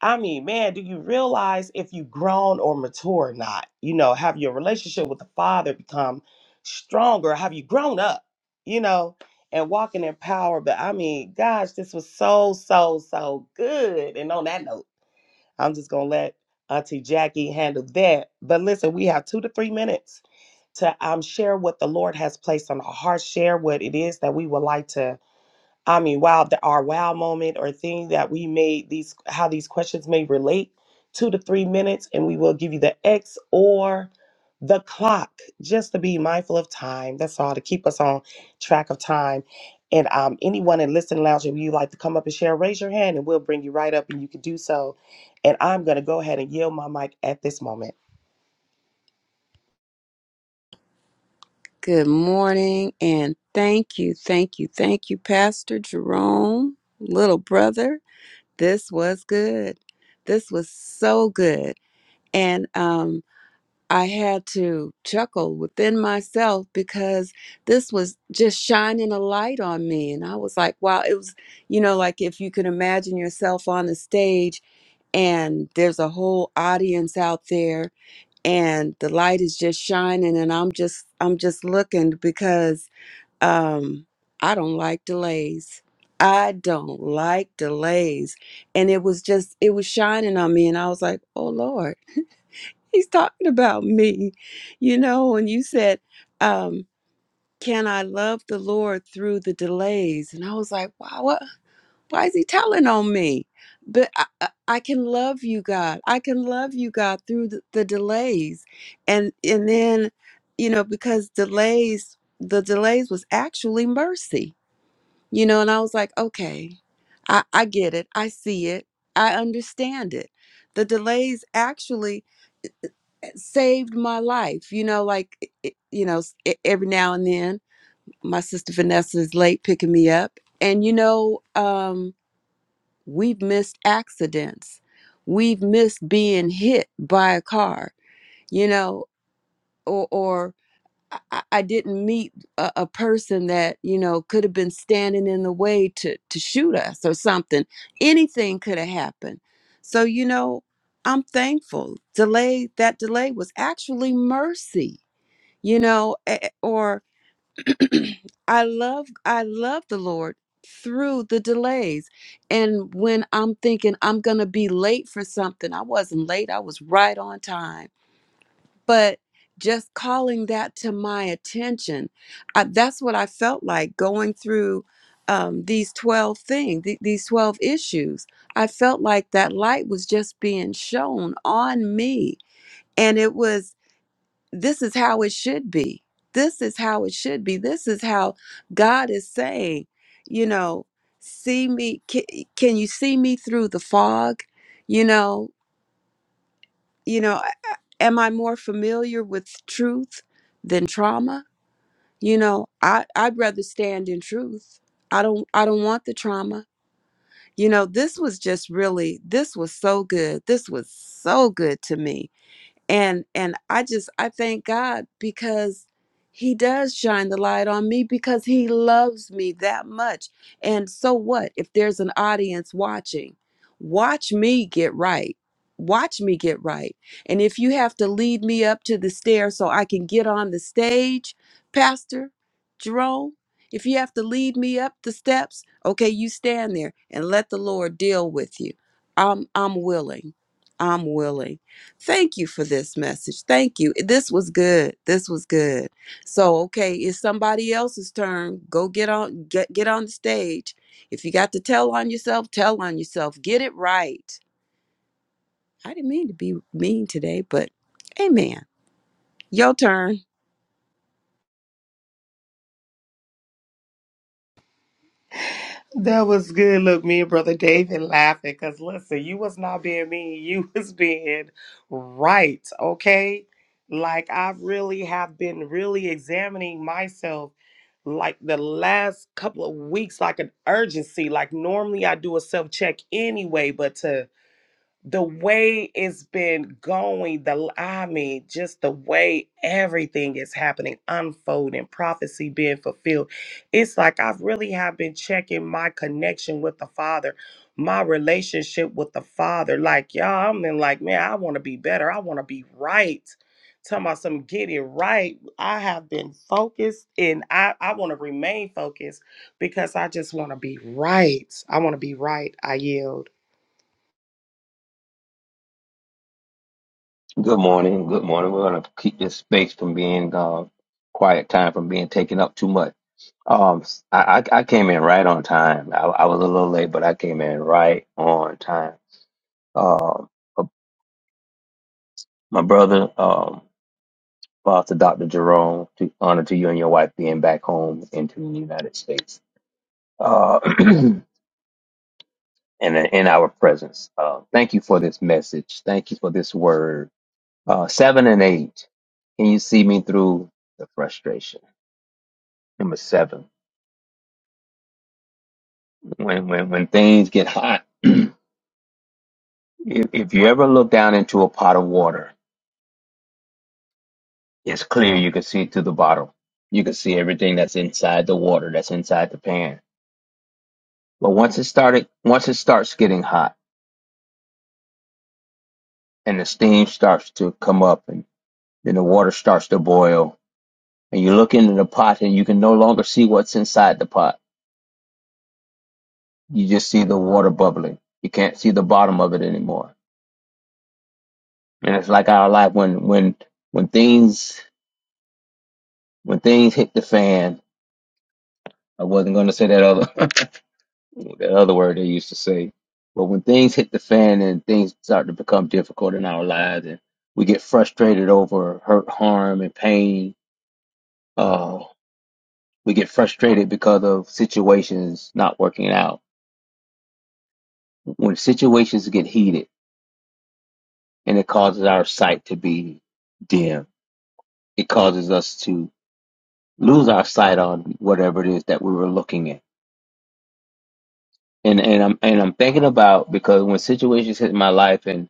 I mean, man, do you realize if you've grown or mature or not? You know, have your relationship with the Father become stronger? Have you grown up, you know, and walking in power? But I mean, gosh, this was so, so, so good. And on that note, I'm just going to let Auntie Jackie handle that. But listen, we have two to three minutes to um, share what the Lord has placed on our hearts, share what it is that we would like to I mean, wow, the, our wow moment or thing that we made these, how these questions may relate, two to three minutes, and we will give you the X or the clock just to be mindful of time. That's all to keep us on track of time. And um, anyone in Listen Lounge, if you like to come up and share, raise your hand and we'll bring you right up and you can do so. And I'm going to go ahead and yield my mic at this moment.
Good morning, and thank you, thank you, thank you, Pastor Jerome, little brother. This was good. This was so good. And um, I had to chuckle within myself because this was just shining a light on me. And I was like, wow, it was, you know, like if you could imagine yourself on the stage and there's a whole audience out there and the light is just shining and I'm just I'm just looking because um i don't like delays i don't like delays and it was just it was shining on me and i was like oh lord he's talking about me you know and you said um can i love the lord through the delays and i was like wow what why is he telling on me but I, I I can love you god i can love you god through the, the delays and and then you know because delays the delays was actually mercy you know, and I was like, okay, I, I get it. I see it. I understand it. The delays actually saved my life. You know, like, it- it- you know, s- e- every now and then my sister Vanessa is late picking me up. And, you know, um, we've missed accidents. We've missed being hit by a car, you know, or, or I, I I didn't meet a, a person that you know could have been standing in the way to to shoot us or something. Anything could have happened. So you know, I'm thankful. Delay that delay was actually mercy. You know, a- a- or I love I love the Lord through the delays. And when I'm thinking I'm gonna be late for something, I wasn't late. I was right on time but just calling that to my attention I, that's what i felt like going through um, these 12 things th- these 12 issues i felt like that light was just being shown on me and it was this is how it should be this is how it should be this is how god is saying you know see me can, can you see me through the fog you know you know I- I- am i more familiar with truth than trauma you know i i'd rather stand in truth i don't i don't want the trauma you know this was just really this was so good this was so good to me and and i just i thank god because he does shine the light on me because he loves me that much and so what if there's an audience watching watch me get right watch me get right and if you have to lead me up to the stairs so i can get on the stage pastor jerome if you have to lead me up the steps okay you stand there and let the lord deal with you i'm i'm willing i'm willing Thank you for this message. Thank you. This was good. This was good. So, okay, it's somebody else's turn. Go get on get get on the stage. If you got to tell on yourself, tell on yourself. Get it right. I didn't mean to be mean today, but amen. Your turn.
That was good. Look, me and brother David laughing because listen, you was not being mean. You was being right. Okay. Like I really have been really examining myself like the last couple of weeks, like an urgency. Like normally I do a self check anyway, but to the way it's been going, the I mean, just the way everything is happening, unfolding, prophecy being fulfilled. It's like I really have been checking my connection with the Father, my relationship with the Father. Like, y'all, I'm in like, man, I want to be better. I want to be right. Talking about some get it right. I have been focused and I, I want to remain focused because I just want to be right. I want to be right. I yield.
Good morning. Good morning. We're going to keep this space from being uh, quiet time from being taken up too much. Um, I, I I came in right on time. I, I was a little late, but I came in right on time. Um, uh, my brother, um, lost Dr. Jerome, to honor to you and your wife being back home into the United States, uh, and in our presence. Uh, thank you for this message. Thank you for this word. Uh, seven and eight. Can you see me through the frustration? Number seven, when when when things get hot, if, if you ever look down into a pot of water, it's clear you can see through the bottom. You can see everything that's inside the water, that's inside the pan. But once it started, once it starts getting hot and the steam starts to come up and then the water starts to boil and you look into the pot and you can no longer see what's inside the pot. You just see the water bubbling. You can't see the bottom of it anymore. And it's like our life when when when things when things hit the fan, I wasn't going to say that other that other word they used to say, but when things hit the fan and things start to become difficult in our lives, and we get frustrated over hurt, harm, and pain, uh, we get frustrated because of situations not working out. When situations get heated and it causes our sight to be dim, it causes us to lose our sight on whatever it is that we were looking at and and I'm and I'm thinking about because when situations hit my life and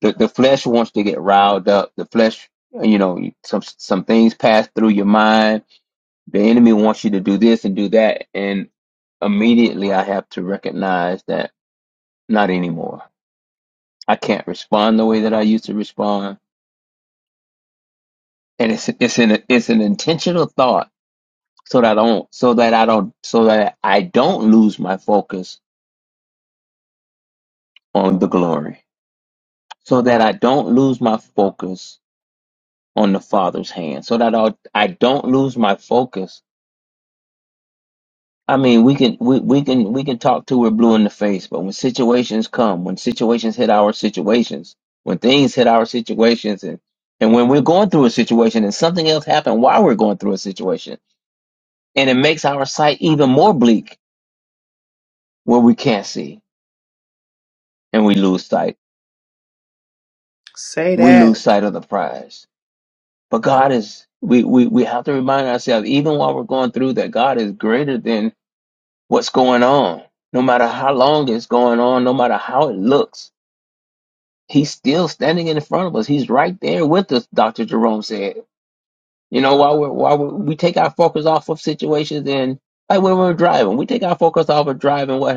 the, the flesh wants to get riled up, the flesh, you know, some some things pass through your mind. The enemy wants you to do this and do that, and immediately I have to recognize that not anymore. I can't respond the way that I used to respond, and it's it's an it's an intentional thought so that I don't so that I don't so that I don't lose my focus on the glory, so that I don't lose my focus on the Father's hand, so that I, I don't lose my focus. I mean, we can we, we can we can talk till we're blue in the face, but when situations come, when situations hit our situations, when things hit our situations, and and when we're going through a situation and something else happened while we're going through a situation, and it makes our sight even more bleak where we can't see and we lose sight,
Say
we
that.
lose sight of the prize. But God is we we we have to remind ourselves even while we're going through that God is greater than what's going on. No matter how long it's going on, no matter how it looks, he's still standing in front of us. He's right there with us, Dr. Jerome said. You know, while we're, while we we take our focus off of situations and like when we're driving, we take our focus off of driving, what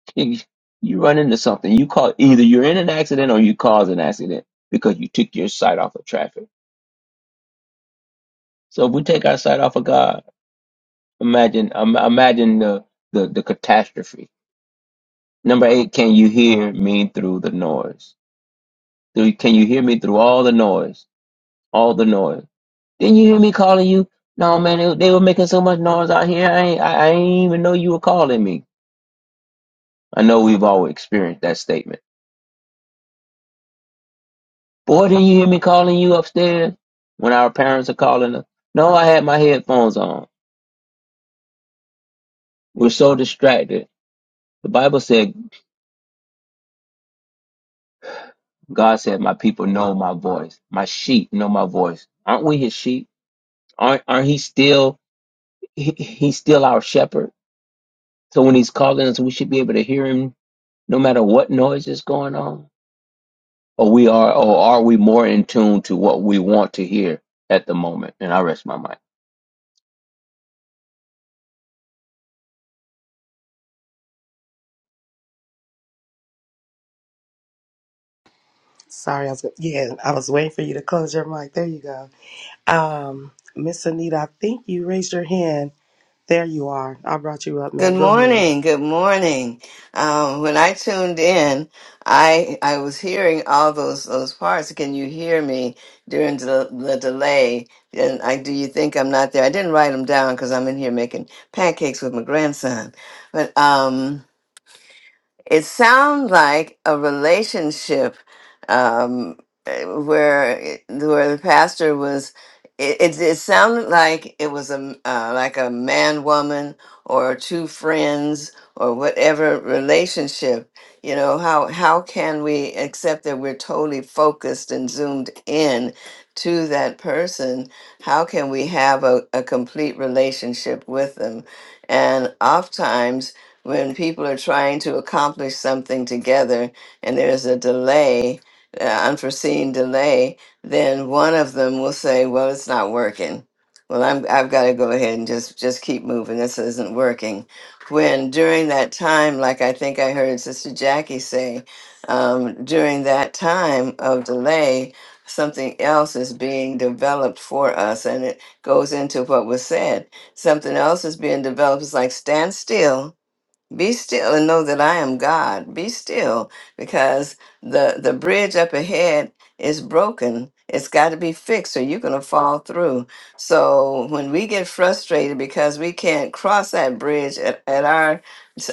happens? you run into something. You call either you're in an accident or you cause an accident because you took your sight off of traffic. So if we take our sight off of God, imagine, um, imagine the, the, the catastrophe. Number eight, can you hear me through the noise? Do Can you hear me through all the noise? All the noise. Didn't you hear me calling you? No, man, they, they were making so much noise out here. I ain't, I, I ain't even know you were calling me. I know we've all experienced that statement. Boy, didn't you hear me calling you upstairs when our parents are calling us? No, I had my headphones on. We're so distracted. The Bible said, God said, my people know my voice. My sheep know my voice. Aren't we his sheep? Aren't, aren't he still, he, he's still our shepherd. So when he's calling us, we should be able to hear him no matter what noise is going on? Or we are or are we more in tune to what we want to hear at the moment? And I rest my mind.
Sorry, I was yeah, I was waiting for you to close your mic. There you go. Um, Miss Anita, I think you raised your hand. There you are. I brought you up,
Good
ma'am. Go ahead.
morning. Good morning. Um, when I tuned in, I I was hearing all those those parts. Can you hear me during the, the delay? And I do you think I'm not there? I didn't write them down because I'm in here making pancakes with my grandson. But um it sounds like a relationship um, eh, where it- where the pastor was. It, it, it sounded like it was a m- uh, like a man woman or two friends or whatever relationship. You know how how can we accept that we're totally focused and zoomed in to that person? How can we have a, a complete relationship with them? And oftentimes when people are trying to accomplish something together and there's a delay, uh, unforeseen delay, then one of them will say, "Well, it's not working." Well, I'm, I've got to go ahead and just just keep moving. This isn't working. When during that time, like I think I heard Sister Jackie say, um, during that time of delay, something else is being developed for us, and it goes into what was said. Something else is being developed. It's like stand still be still and know that I am God. Be still because the the bridge up ahead is broken. It's got to be fixed or you're going to fall through. So when we get frustrated because we can't cross that bridge at, at our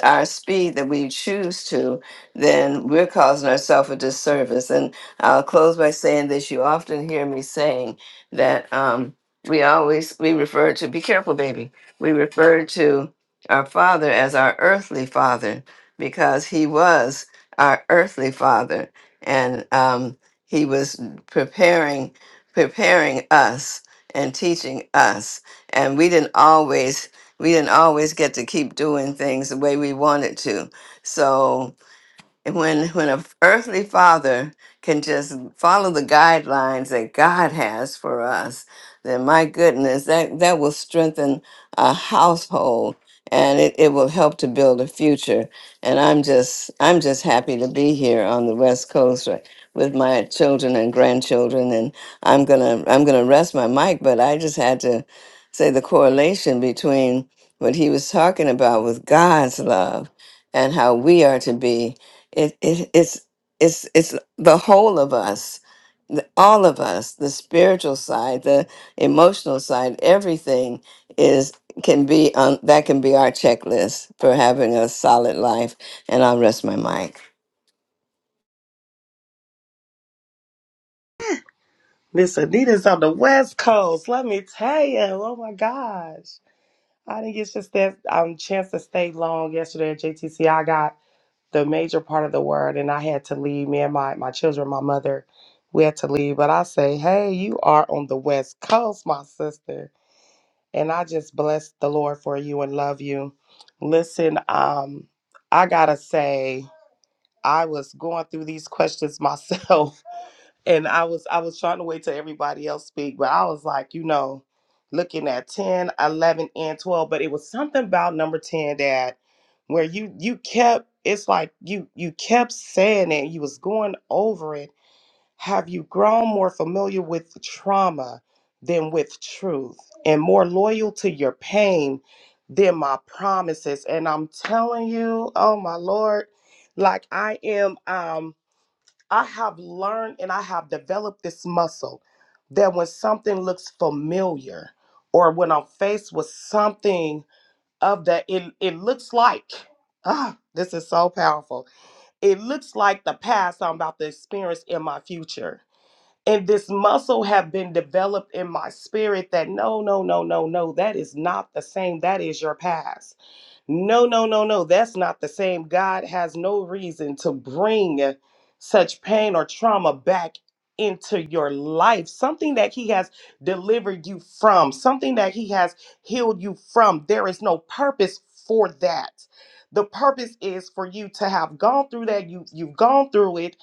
our speed that we choose to, then we're causing ourselves a disservice. And I'll close by saying this. You often hear me saying that um, we always we refer to be careful, baby. We refer to our father as our earthly father because he was our earthly father and um, he was preparing preparing us and teaching us and we didn't always we didn't always get to keep doing things the way we wanted to so and when when a earthly father can just follow the guidelines that God has for us, then my goodness, that that will strengthen a household and it, it will help to build a future. And I'm just I'm just happy to be here on the West Coast right, with my children and grandchildren and I'm gonna I'm gonna rest my mic, but I just had to say the correlation between what he was talking about with God's love and how we are to be it, it, it's, it's, it's the whole of us, the- all of us, the spiritual side, the emotional side, everything is can be on that can be our checklist for having a solid life. And I'll rest my mic.
Miss Anita's on the West Coast. Let me tell you. Oh my gosh. I didn't get just that um chance to stay long yesterday at JTC. I got the major part of the word and I had to leave. Me and my, my children, my mother, we had to leave. But I say, hey, you are on the West Coast, my sister. and I just bless the Lord for you and love you. Listen, um, I gotta say, I was going through these questions myself, and I was I was trying to wait till everybody else speak, but I was like, you know, looking at 10, 11, and 12, but it was something about number 10 that where you you kept it's like you you kept saying it, you was going over it have you grown more familiar with trauma than with truth and more loyal to your pain than my promises? And I'm telling you, oh my Lord, like I am, um, I have learned and I have developed this muscle that when something looks familiar or when I'm faced with something of the, it, it looks like, ah, this is so powerful. It looks like the past I'm about to experience in my future and this muscle have been developed in my spirit that no no no no no that is not the same that is your past no no no no that's not the same god has no reason to bring such pain or trauma back into your life something that he has delivered you from something that he has healed you from there is no purpose for that the purpose is for you to have gone through that you you've gone through it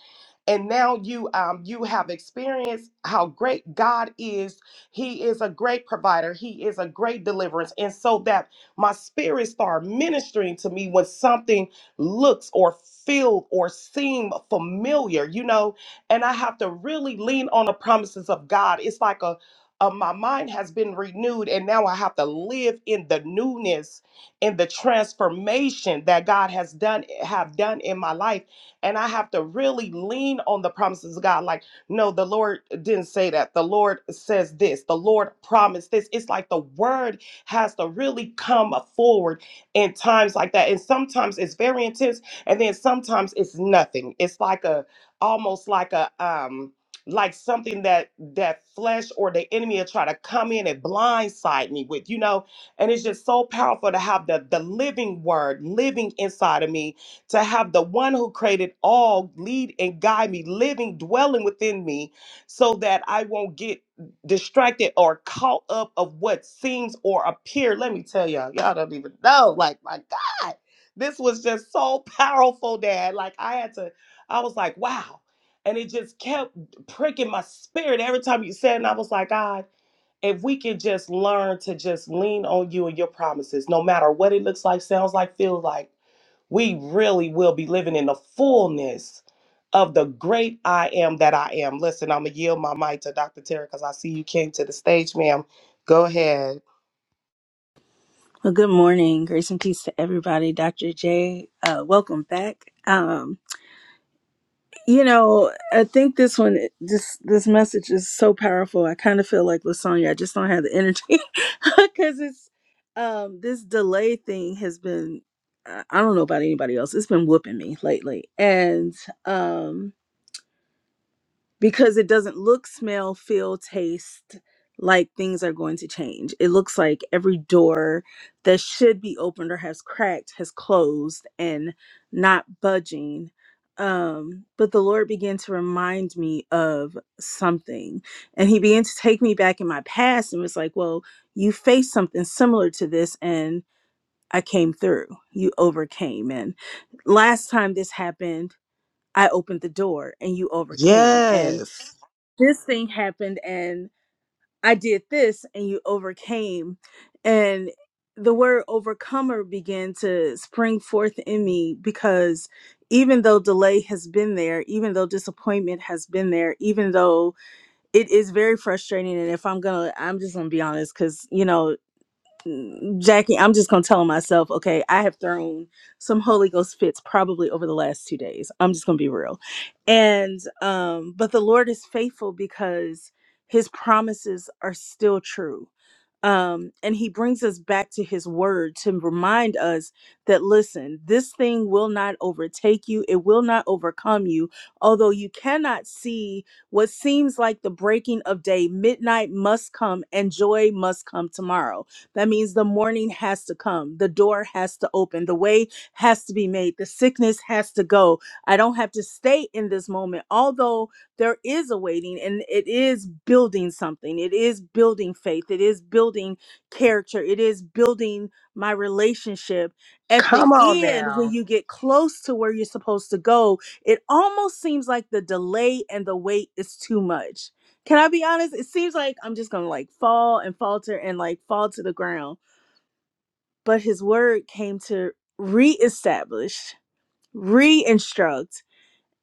and now you um, you have experienced how great God is. He is a great provider. He is a great deliverance, and so that my spirit start ministering to me when something looks or feel or seem familiar, you know, and I have to really lean on the promises of God. It's like a uh, my mind has been renewed, and now I have to live in the newness and the transformation that God has done have done in my life and I have to really lean on the promises of God. Like, no, the Lord didn't say that. The Lord says this. The Lord promised this. It's like the word has to really come forward in times like that. And sometimes it's very intense, and then sometimes it's nothing. It's like a almost like a um like something that that flesh or the enemy will try to come in and blindside me with, you know. And it's just so powerful to have the the living word living inside of me to have the one who created all lead and guide me, living, dwelling within me, so that I won't get distracted or caught up of what seems or appear. Let me tell y'all, y'all don't even know. Like, my God, this was just so powerful, Dad. Like, I had to, I was like, wow. And it just kept pricking my spirit every time you said, and I was like, God, if we can just learn to just lean on you and your promises, no matter what it looks like, sounds like, feels like we really will be living in the fullness of the great I am that I am. Listen, I'm going to yield my mic to Dr. Terry because I see you came to the stage, ma'am. Go ahead.
Well, good morning. Grace and peace to everybody. Dr. J, uh, welcome back. Um, you know, I think this one, this this message is so powerful. I kind of feel like Lasagna. I just don't have the energy because it's um, this delay thing has been. I I don't know about anybody else. It's been whooping me lately, and um, because it doesn't look, smell, feel, taste like things are going to change. It looks like every door that should be opened or has cracked has closed and not budging. Um, but the Lord began to remind me of something, and He began to take me back in my past and was like, Well, you faced something similar to this, and I came through, you overcame. And last time this happened, I opened the door and you overcame. And
Yes.
this thing happened and I did this and you overcame. And the word overcomer began to spring forth in me because even though delay has been there, even though disappointment has been there, even though it is very frustrating. And if I'm gonna, I'm just gonna be honest because, you know, Jackie, I'm just gonna tell myself, okay, I have thrown some Holy Ghost fits probably over the last two days. I'm just gonna be real. And um, but the Lord is faithful because his promises are still true. Um, and he brings us back to his word to remind us that listen, this thing will not overtake you, it will not overcome you, although you cannot see what seems like the breaking of day, midnight must come and joy must come tomorrow that means the morning has to come, the door has to open, the way has to be made, the sickness has to go. I don't have to stay in this moment, although there is a waiting and it is building something. It is building faith, it is building character, it is building my relationship. At the
Come on
end, when
now.
you get close to where you're supposed to go, it almost seems like the delay and the wait is too much can I be honest? It seems like I'm just gonna like fall and falter and like fall to the ground. But his word came to reestablish, re-instruct,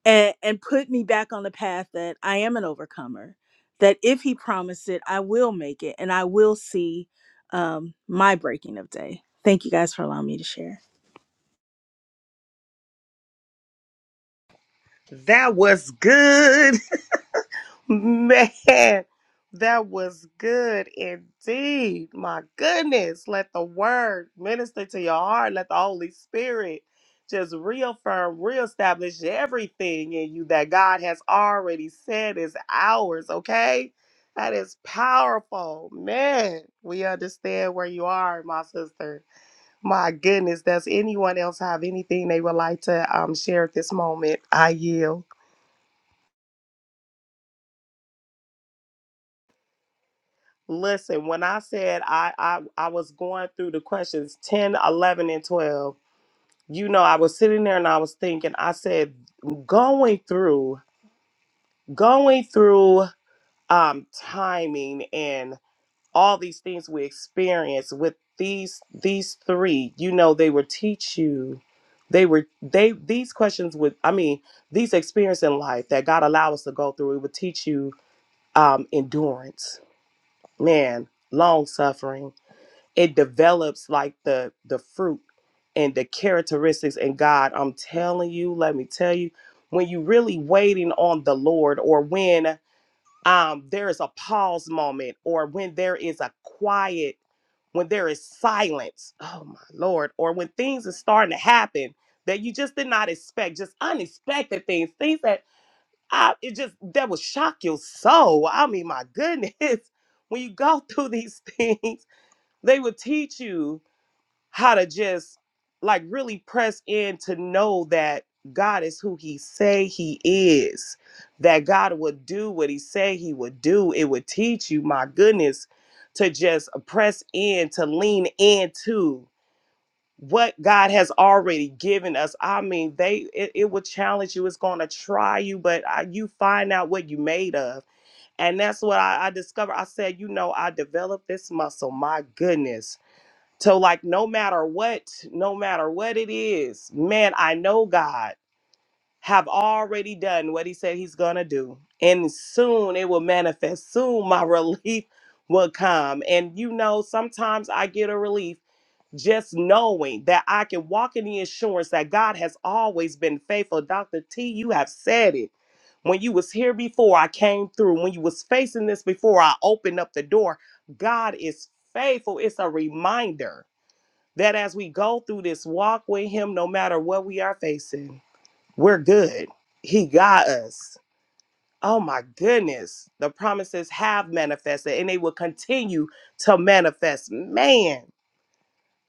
and, and put me back on the path that I am an overcomer. That if he promised it, I will make it and I will see um, my breaking of day. Thank you guys for allowing me to share.
That was good. Man, that was good indeed. My goodness. Let the word minister to your heart. Let the Holy Spirit just reaffirm, reestablish everything in you that God has already said is ours, okay? That is powerful. Man, we understand where you are, my sister. My goodness. Does anyone else have anything they would like to um, share at this moment? I yield. Listen, when I said I, I I was going through the questions 10, 11, and 12, you know, I was sitting there and I was thinking, I said, going through, going through um timing and all these things we experience with these these three, you know, they would teach you. They were they these questions would I mean, these experience in life that God allowed us to go through, it would teach you um endurance, man, long suffering it develops like the the fruit and the characteristics in God. I'm telling you, let me tell you, when you really waiting on the Lord or when um there is a pause moment or when there is a quiet when there is silence, oh my Lord, or when things are starting to happen that you just did not expect, just unexpected things, things that I, it just that will shock your soul. I mean, my goodness, when you go through these things, they will teach you how to just like really press in to know that God is who he say he is that God would do what he say he would do it would teach you my goodness to just press in to lean into what God has already given us I mean they it, it will challenge you it's going to try you but uh you find out what you made of and that's what I, I discovered I said you know I developed this muscle my goodness so like no matter what, no matter what it is, man, I know God have already done what he said he's going to do. And soon it will manifest. Soon my relief will come. And you know, sometimes I get a relief just knowing that I can walk in the assurance that God has always been faithful. Dr. T, you have said it when you was here before i came through when you was facing this before i opened up the door god is faithful it's a reminder that as we go through this walk with him, no matter what we are facing, we're good. He got us. Oh my goodness. The promises have manifested and they will continue to manifest. Man,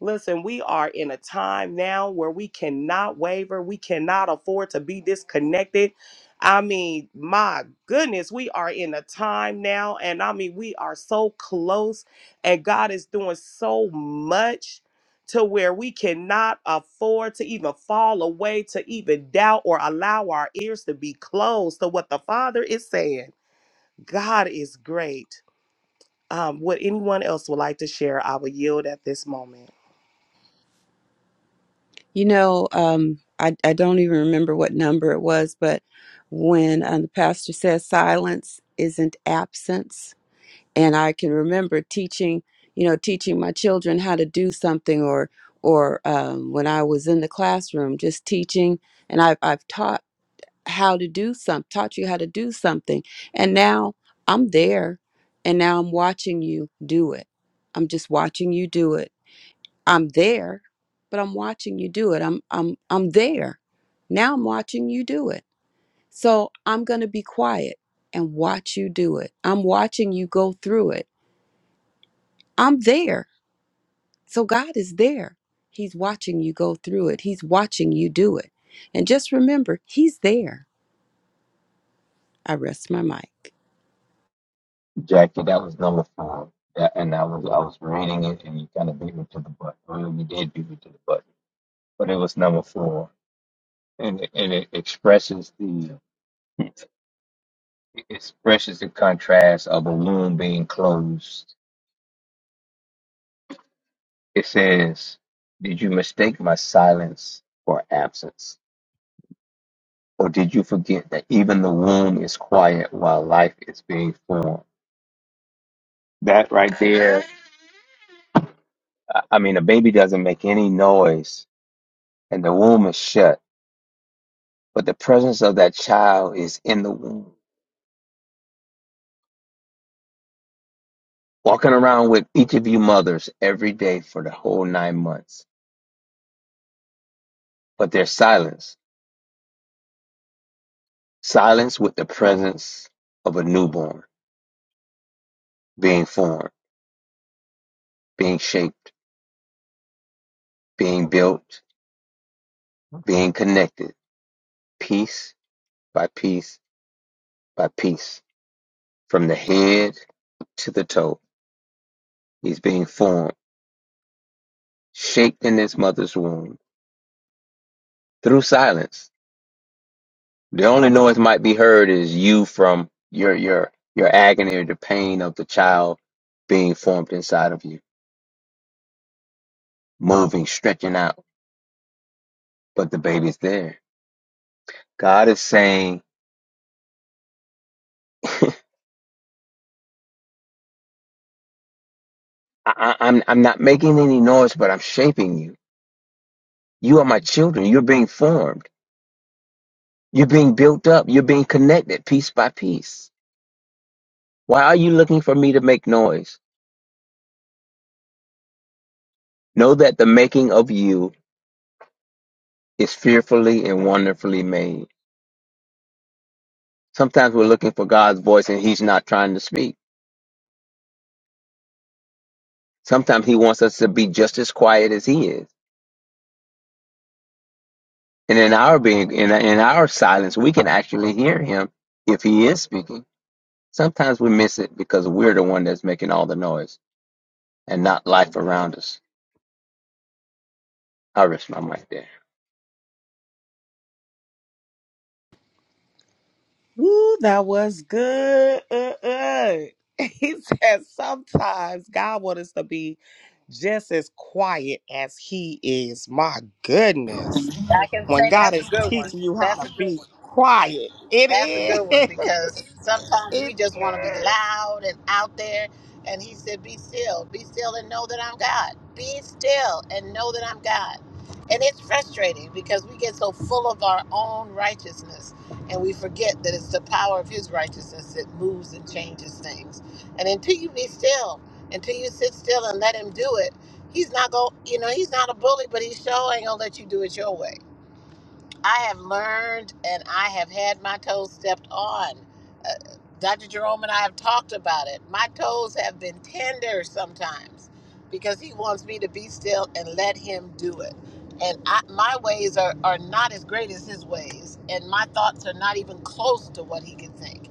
Listen, we are in a time now where we cannot waver. We cannot afford to be disconnected. I mean, my goodness, we are in a time now. And I mean, we are so close, and God is doing so much to where we cannot afford to even fall away, to even doubt or allow our ears to be closed to what the Father is saying. God is great. Um, would anyone else would like to share? I will yield at this moment.
You know, um, I, I don't even remember what number it was, but when um, the pastor says silence isn't absence, and I can remember teaching, you know, teaching my children how to do something, or or um, when I was in the classroom, just teaching, and I've I've taught how to do some, taught you how to do something, and now I'm there, and now I'm watching you do it. I'm just watching you do it. I'm there, but I'm watching you do it. I'm I'm I'm there. Now I'm watching you do it. So I'm gonna be quiet and watch you do it. I'm watching you go through it I'm there. So God is there. He's watching you go through it, He's watching you do it. And just remember, He's there. I rest my mic.
Jackie, that was number four. That, and I was I was reading it, and you kind of beat me to the button. Well, you did beat me to the button, but it was number four, and it- and it expresses the it expresses the contrast of a womb being closed. It says, "Did you mistake my silence for absence?" Or did you forget that even the womb is quiet while life is being formed? That right there, I I mean, a baby doesn't make any noise and the womb is shut, but the presence of that child is in the womb, walking around with each of you mothers every day for the whole nine months. But there's silence, silence with the presence of a newborn being formed, being shaped, being built, being connected, piece by piece by piece. From the head to the toe, he's being formed, shaped in his mother's womb through silence. The only noise might be heard is you from your your your agony or the pain of the child being formed inside of you, moving, stretching out. But the baby's there. God is saying, I, I, I'm I'm not making any noise, but I'm shaping you. You are my children. You're being formed. You're being built up. You're being connected piece by piece. Why are you looking for me to make noise? Know that the making of you is fearfully and wonderfully made. Sometimes we're looking for God's voice and He's not trying to speak. Sometimes He wants us to be just as quiet as He is. And in our being, in, in our silence, we can actually hear Him if He is speaking. Sometimes we miss it because we're the one that's making all the noise and not life around us. I rest my mic there.
Woo, that was good. Uh, uh. He said sometimes God wants us to be just as quiet as he is. My goodness.
I can
When
say
God
that's a
is
good one.
teaching you how
That's
to
a good one.
be quiet, it
That's a good one
is.
because sometimes
It
we just want to be
is.
loud and out there. And he said, Be still, be still and know that I'm God. Be still and know that I'm God. And it's frustrating because we get so full of our own righteousness and we forget that it's the power of his righteousness that moves and changes things. And until you be still, until you sit still and let him do it, he's not going, you know, he's not a bully, but he sure ain't going to let you do it your way. I have learned and I have had my toes stepped on. Uh, Dr. Jerome and I have talked about it. My toes have been tender sometimes because he wants me to be still and let him do it. And I, my ways are, are not as great as his ways, and my thoughts are not even close to what he can think.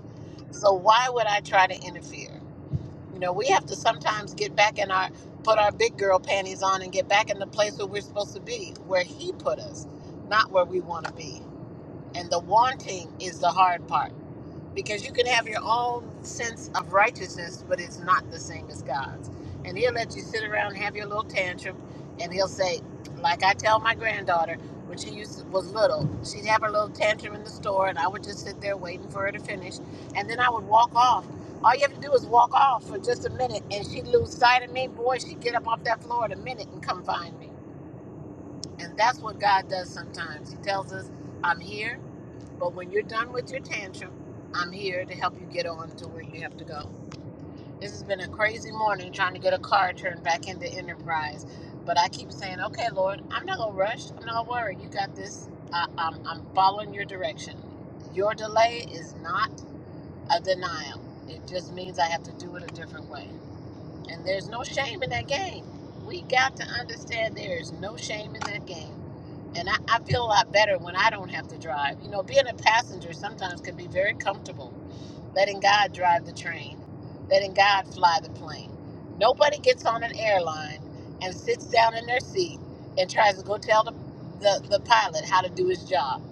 So, why would I try to interfere? You know, we have to sometimes get back in our, put our big girl panties on and get back in the place where we're supposed to be, where He put us, not where we want to be. And the wanting is the hard part because you can have your own sense of righteousness, but it's not the same as God's. And He'll let you sit around and have your little tantrum, and He'll say, like I tell my granddaughter when she used to, was little, she'd have her little tantrum in the store, and I would just sit there waiting for her to finish, and then I would walk off. All you have to do is walk off for just a minute, and she'd lose sight of me. Boy, she'd get up off that floor in a minute and come find me. And that's what God does sometimes. He tells us, "I'm here. But when you're done with your tantrum, I'm here to help you get on to where you have to go. This has been a crazy morning trying to get a car turned back into Enterprise. But I keep saying, okay, Lord, I'm not going to rush. I'm not going to worry. You got this. I, I'm, I'm following your direction. Your delay is not a denial, it just means I have to do it a different way. And there's no shame in that game. We got to understand there is no shame in that game. And I, I feel a lot better when I don't have to drive. You know, being a passenger sometimes can be very comfortable, letting God drive the train, letting God fly the plane. Nobody gets on an airline and sits down in their seat and tries to go tell the, the, the pilot how to do his job.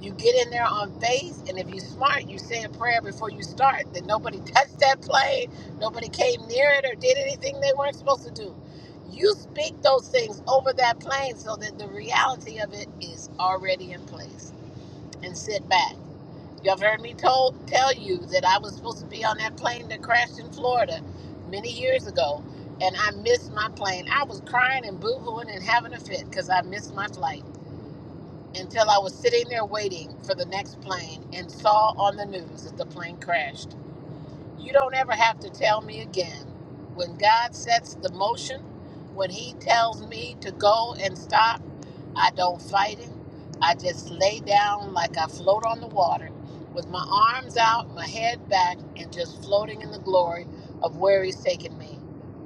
You get in there on faith, and if you're smart, you say a prayer before you start. That nobody touched that plane, nobody came near it, or did anything they weren't supposed to do. You speak those things over that plane so that the reality of it is already in place. And sit back. You have heard me told tell you that I was supposed to be on that plane that crashed in Florida many years ago, and I missed my plane. I was crying and boo-hooing and having a fit because I missed my flight until I was sitting there waiting for the next plane and saw on the news that the plane crashed. You don't ever have to tell me again. When God sets the motion, when He tells me to go and stop, I don't fight Him. I just lay down like I float on the water with my arms out, my head back, and just floating in the glory of where He's taken me.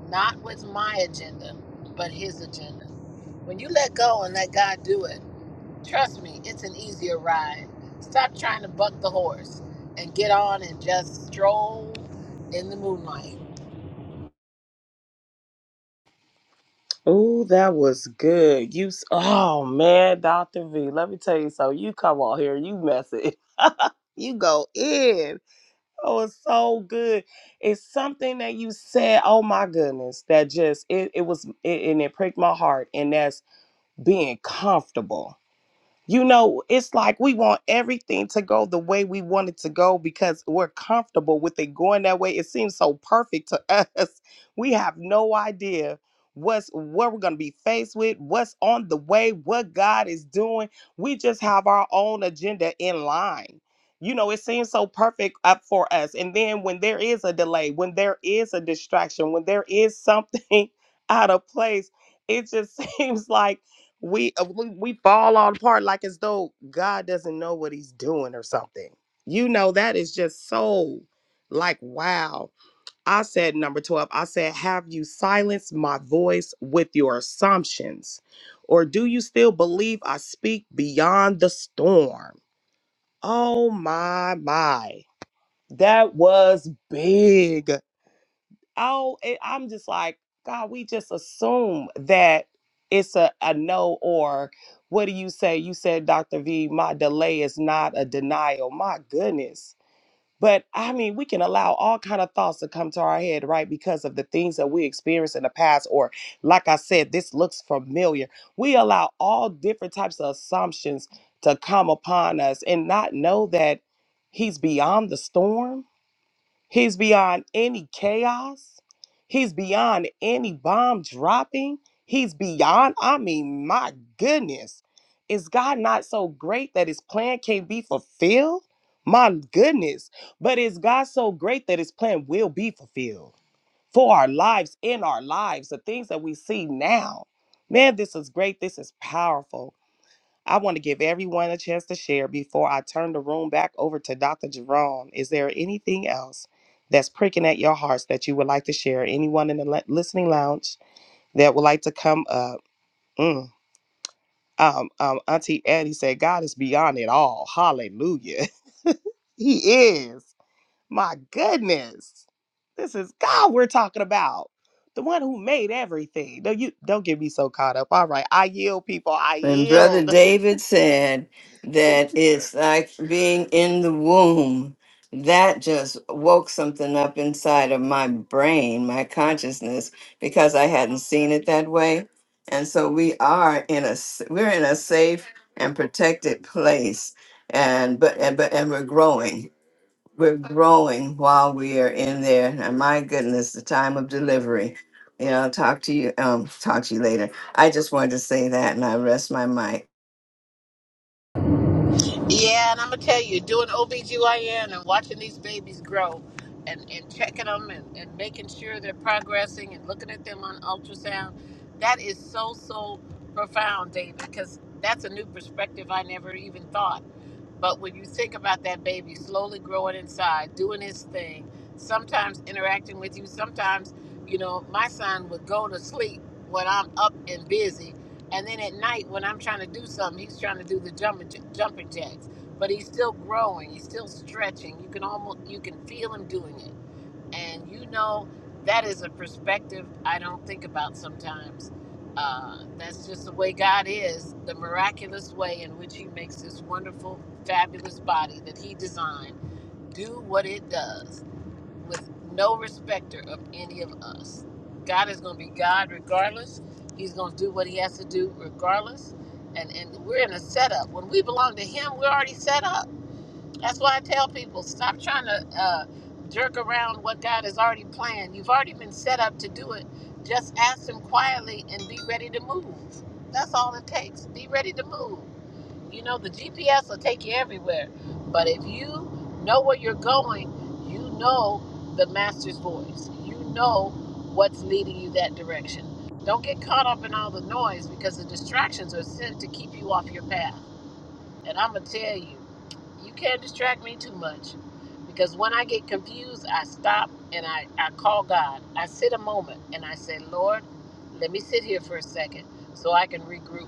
Not with my agenda, but His agenda. When you let go and let God do it, Trust me, it's an easier ride. Stop trying to buck the horse and get on and just stroll in the moonlight.
Oh, that was good. You, s- oh man, Doctor V. Let me tell you something. You come on here, you mess it, you go in. Oh, it's so good. It's something that you said. Oh my goodness, that just it. It was, it, and it pricked my heart. And that's being comfortable You know, it's like we want everything to go the way we want it to go because we're comfortable with it going that way. It seems so perfect to us. We have no idea what's what we're going to be faced with, what's on the way, what God is doing. We just have our own agenda in line. You know, it seems so perfect up for us. And then when there is a delay, when there is a distraction, when there is something out of place, it just seems like we uh, we we fall all apart like as though God doesn't know what he's doing or something. You know that is just so like wow. I said number 12. I said have you silenced my voice with your assumptions or do you still believe I speak beyond the storm? Oh my my. That was big oh, it, I'm just like, God, we just assume that it's a, a no or what do you say? You said, Dr. V, my delay is not a denial. My goodness. But I mean, we can allow all kind of thoughts to come to our head, right? Because of the things that we experienced in the past, or like I said, this looks familiar. We allow all different types of assumptions to come upon us and not know that he's beyond the storm He's beyond any chaos. He's beyond any bomb dropping. He's beyond, I mean, my goodness. Is God not so great that his plan can't be fulfilled? My goodness. But is God so great that his plan will be fulfilled for our lives, in our lives, the things that we see now? Man, this is great. This is powerful. I want to give everyone a chance to share before I turn the room back over to Dr. Jerome. Is there anything else that's pricking at your hearts that you would like to share? Anyone in the li- listening lounge that would like to come up? Mm. Um, um, Auntie Addie said, God is beyond it all. Hallelujah. he is. My goodness. This is God we're talking about. The one who made everything. No, you don't get me so caught up. All right. I yield, people. I
When Brother
yield.
David said that it's like being in the womb, that just woke something up inside of my brain, my consciousness, because I hadn't seen it that way. And so we are in a s- we're in a safe and protected place, and but and but and we're growing we're growing while we are in there. And my goodness, the time of delivery. Yeah, I'll talk to you. Um, talk to you later. I just wanted to say that, and I rest my mic.
Yeah, and I'm gonna tell you, doing OBGYN and watching these babies grow and, and checking them and, and making sure they're progressing and looking at them on ultrasound, that is so, so profound, David, because that's a new perspective I never even thought. But when you think about that baby slowly growing inside, doing his thing, sometimes interacting with you, sometimes, you know, my son would go to sleep when I'm up and busy. And then at night, when I'm trying to do something, he's trying to do the jumping, j- jumping jacks. But he's still growing. He's still stretching. You can almost you can feel him doing it and you know, that is a perspective I don't think about sometimes. Uh, that's just the way God is, the miraculous way in which He makes this wonderful, fabulous body that He designed do what it does with no respecter of any of us. God is going to be God regardless. He's going to do what He has to do regardless. And, and we're in a setup. When we belong to Him, we're already set up that's why I tell people stop trying to uh, jerk around what God has already planned. You've already been set up to do it. Just ask Him quietly and be ready to move. That's all it takes. Be ready to move. You know, the GPS will take you everywhere. But if you know where you're going, you know the Master's voice. You know what's leading you that direction. Don't get caught up in all the noise because the distractions are sent to keep you off your path. And I'm going to tell you, you can't distract me too much because when I get confused, I stop and I, I call God. I sit a moment and I say, Lord, let me sit here for a second so I can regroup.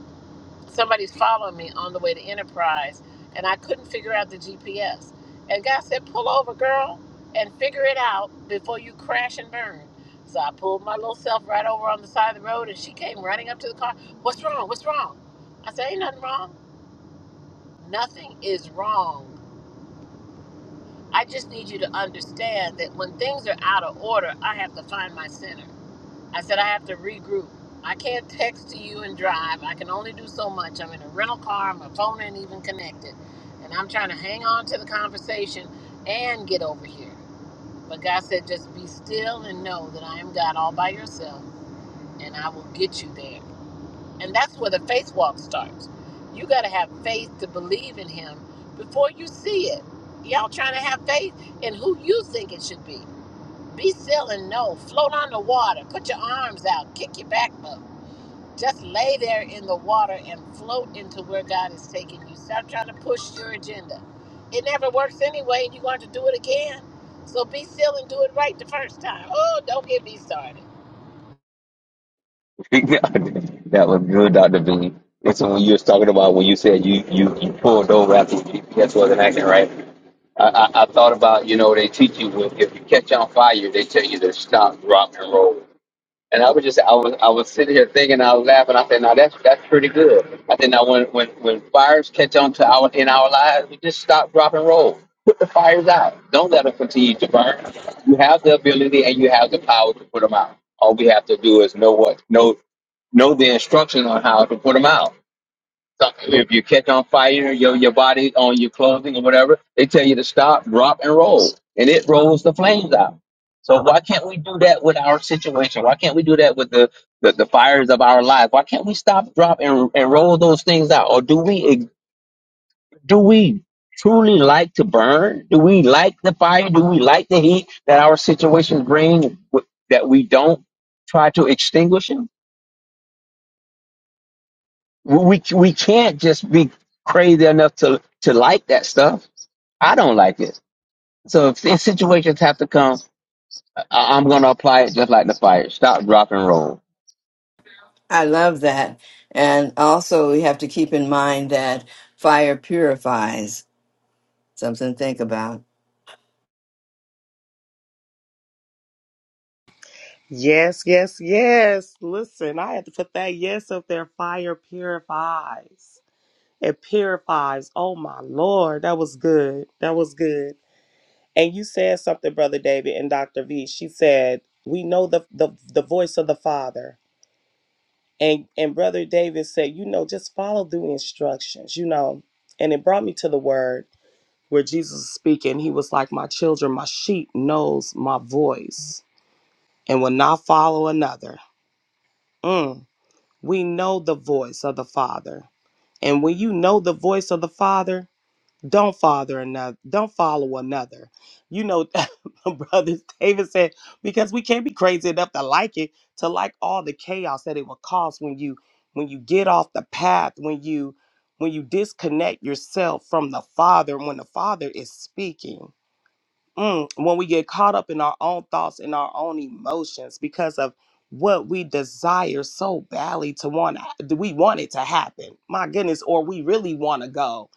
Somebody's following me on the way to Enterprise and I couldn't figure out the GPS. And God said, pull over, girl, and figure it out before you crash and burn. So I pulled my little self right over on the side of the road and she came running up to the car. What's wrong? What's wrong? I said, ain't nothing wrong. Nothing is wrong. I just need you to understand that when things are out of order, I have to find my center. I said I have to regroup. I can't text to you and drive. I can only do so much. I'm in a rental car, my phone ain't even connected. And I'm trying to hang on to the conversation and get over here. But God said, just be still and know that I am God all by yourself, and I will get you there. And that's where the faith walk starts. You got to have faith to believe in him before you see it. Y'all trying to have faith in who you think it should be. Be still and know. Float on the water. Put your arms out. Kick your back up. Just lay there in the water and float into where God is taking you. Stop trying to push your agenda. It never works anyway, and you're going to do it again. So be still and do it right the first time. Oh, don't get me started.
that was good, Dr. V. And so when you was talking about when you said you, you, you pulled over after your GPS wasn't acting right, I, I, I thought about, you know, they teach you when- if you catch on fire, they tell you to stop, drop, and roll. And I was just, I was, I was sitting here thinking, I was laughing. I said, now that's that's pretty good. I said, now when when when fires catch on to our in our lives, we just stop, drop, and roll. Put the fires out. Don't let them continue to burn. You have the ability and you have the power to put them out. All we have to do is know what know know the instructions on how to put them out so if you catch on fire, your your body on your clothing or whatever, they tell you to stop, drop, and roll, and it rolls the flames out. So why can't we do that with our situation? Why can't we do that with the the, the fires of our life? Why can't we stop, drop, and and roll those things out? Or do we do we truly like to burn? Do we like the fire? Do we like the heat that our situation brings? w- That we don't try to extinguish it. We we we can't just be crazy enough to to like that stuff I don't like it. So if these situations have to come, I- I'm going to apply it just like the fire. Stop, drop, and roll.
I love that, and also we have to keep in mind that fire purifies. Something to think about.
Yes, yes, yes. Listen, I had to put that yes up there. Fire purifies. It purifies. Oh my Lord. That was good. That was good. And you said something, Brother David and Dr. V. She said, We know the the, the voice of the Father. and and brother david said you know just follow the instructions you know and it brought me to the word where jesus was speaking he was like my children my sheep knows my voice and will not follow another Mm. we know the voice of the father and when you know the voice of the father don't father another don't follow another you know brothers david said because we can't be crazy enough to like it to like all the chaos that it will cause when you when you get off the path when you when you disconnect yourself from the father when the father is speaking Mm, when we get caught up in our own thoughts and our own emotions because of what we desire so badly to want to we want it to happen my goodness or we really want to go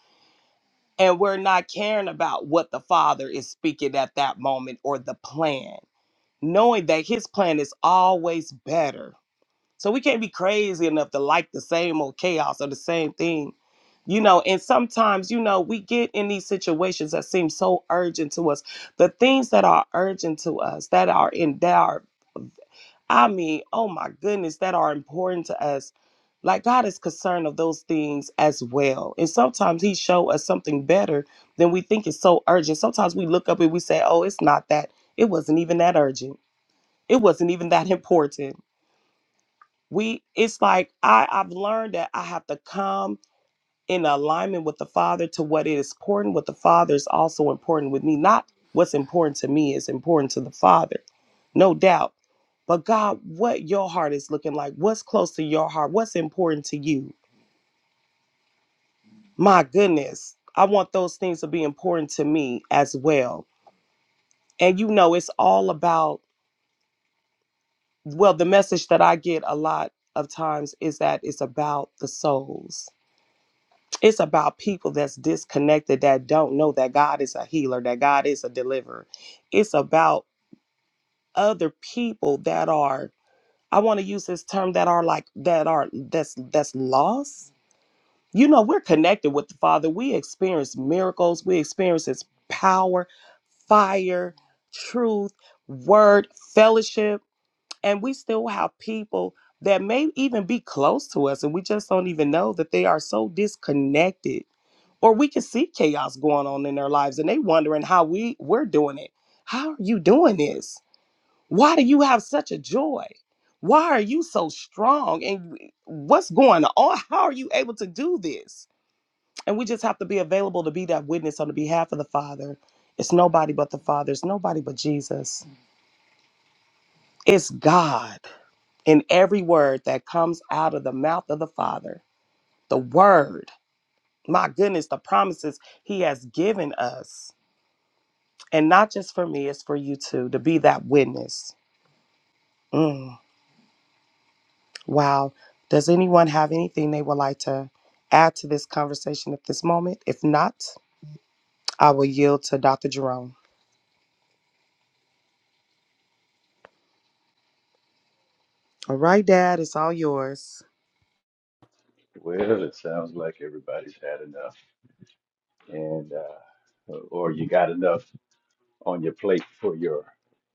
and we're not caring about what the father is speaking at that moment or the plan knowing that his plan is always better so we can't be crazy enough to like the same old chaos or the same thing you know and sometimes you know we get in these situations that seem so urgent to us the things that are urgent to us that are in doubt. I mean, oh my goodness, that are important to us. Like God is concerned of those things as well. And sometimes he show us something better than we think is so urgent. Sometimes we look up and we say, "Oh, it's not that. It wasn't even that urgent. It wasn't even that important." We it's like I I've learned that I have to come in alignment with the Father to what is important with the Father is also important with me. Not what's important to me is important to the Father, no doubt. But God, what your heart is looking like, what's close to your heart, what's important to you? My goodness, I want those things to be important to me as well. And you know, it's all about, well, the message that I get a lot of times is that it's about the souls It's about people that's disconnected that don't know that God is a healer, that God is a deliverer. It's about other people that are I want to use this term that are like that are that's that's lost. You know, we're connected with the Father. We experience miracles, we experience his power, fire, truth, word, fellowship, and we still have people that may even be close to us and we just don't even know that they are so disconnected or we can see chaos going on in their lives and they wondering how we we're doing it how are you doing this why do you have such a joy why are you so strong and what's going on how are you able to do this and we just have to be available to be that witness on the behalf of the father it's nobody but the father it's nobody but jesus it's god in every word that comes out of the mouth of the father the word my goodness the promises he has given us and not just for me, it's for you too, to be that witness. Mm, wow. Does anyone have anything they would like to add to this conversation at this moment? If not, I will yield to Dr. Jerome. All right, Dad, it's all yours.
Well, it sounds like everybody's had enough, and uh, or you got enough on your plate for your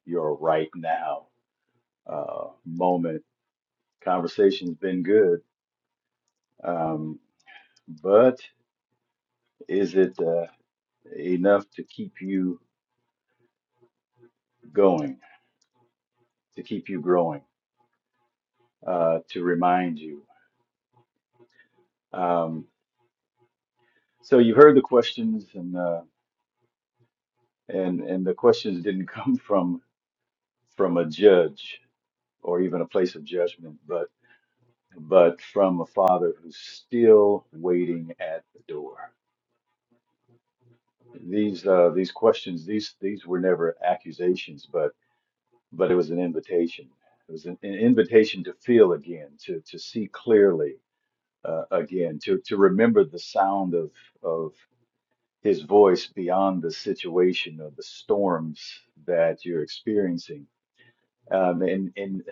your right now uh, moment. Conversation's been good, um, but is it uh, enough to keep you going, to keep you growing, uh, to remind you? Um, so you heard the questions, and uh, and and the questions didn't come from from a judge or even a place of judgment, but but from a father who's still waiting at the door. These uh, these questions these these were never accusations, but but it was an invitation. It was an, an invitation to feel again, to to see clearly uh, again, to to remember the sound of of his voice beyond the situation or the storms that you're experiencing Um, and and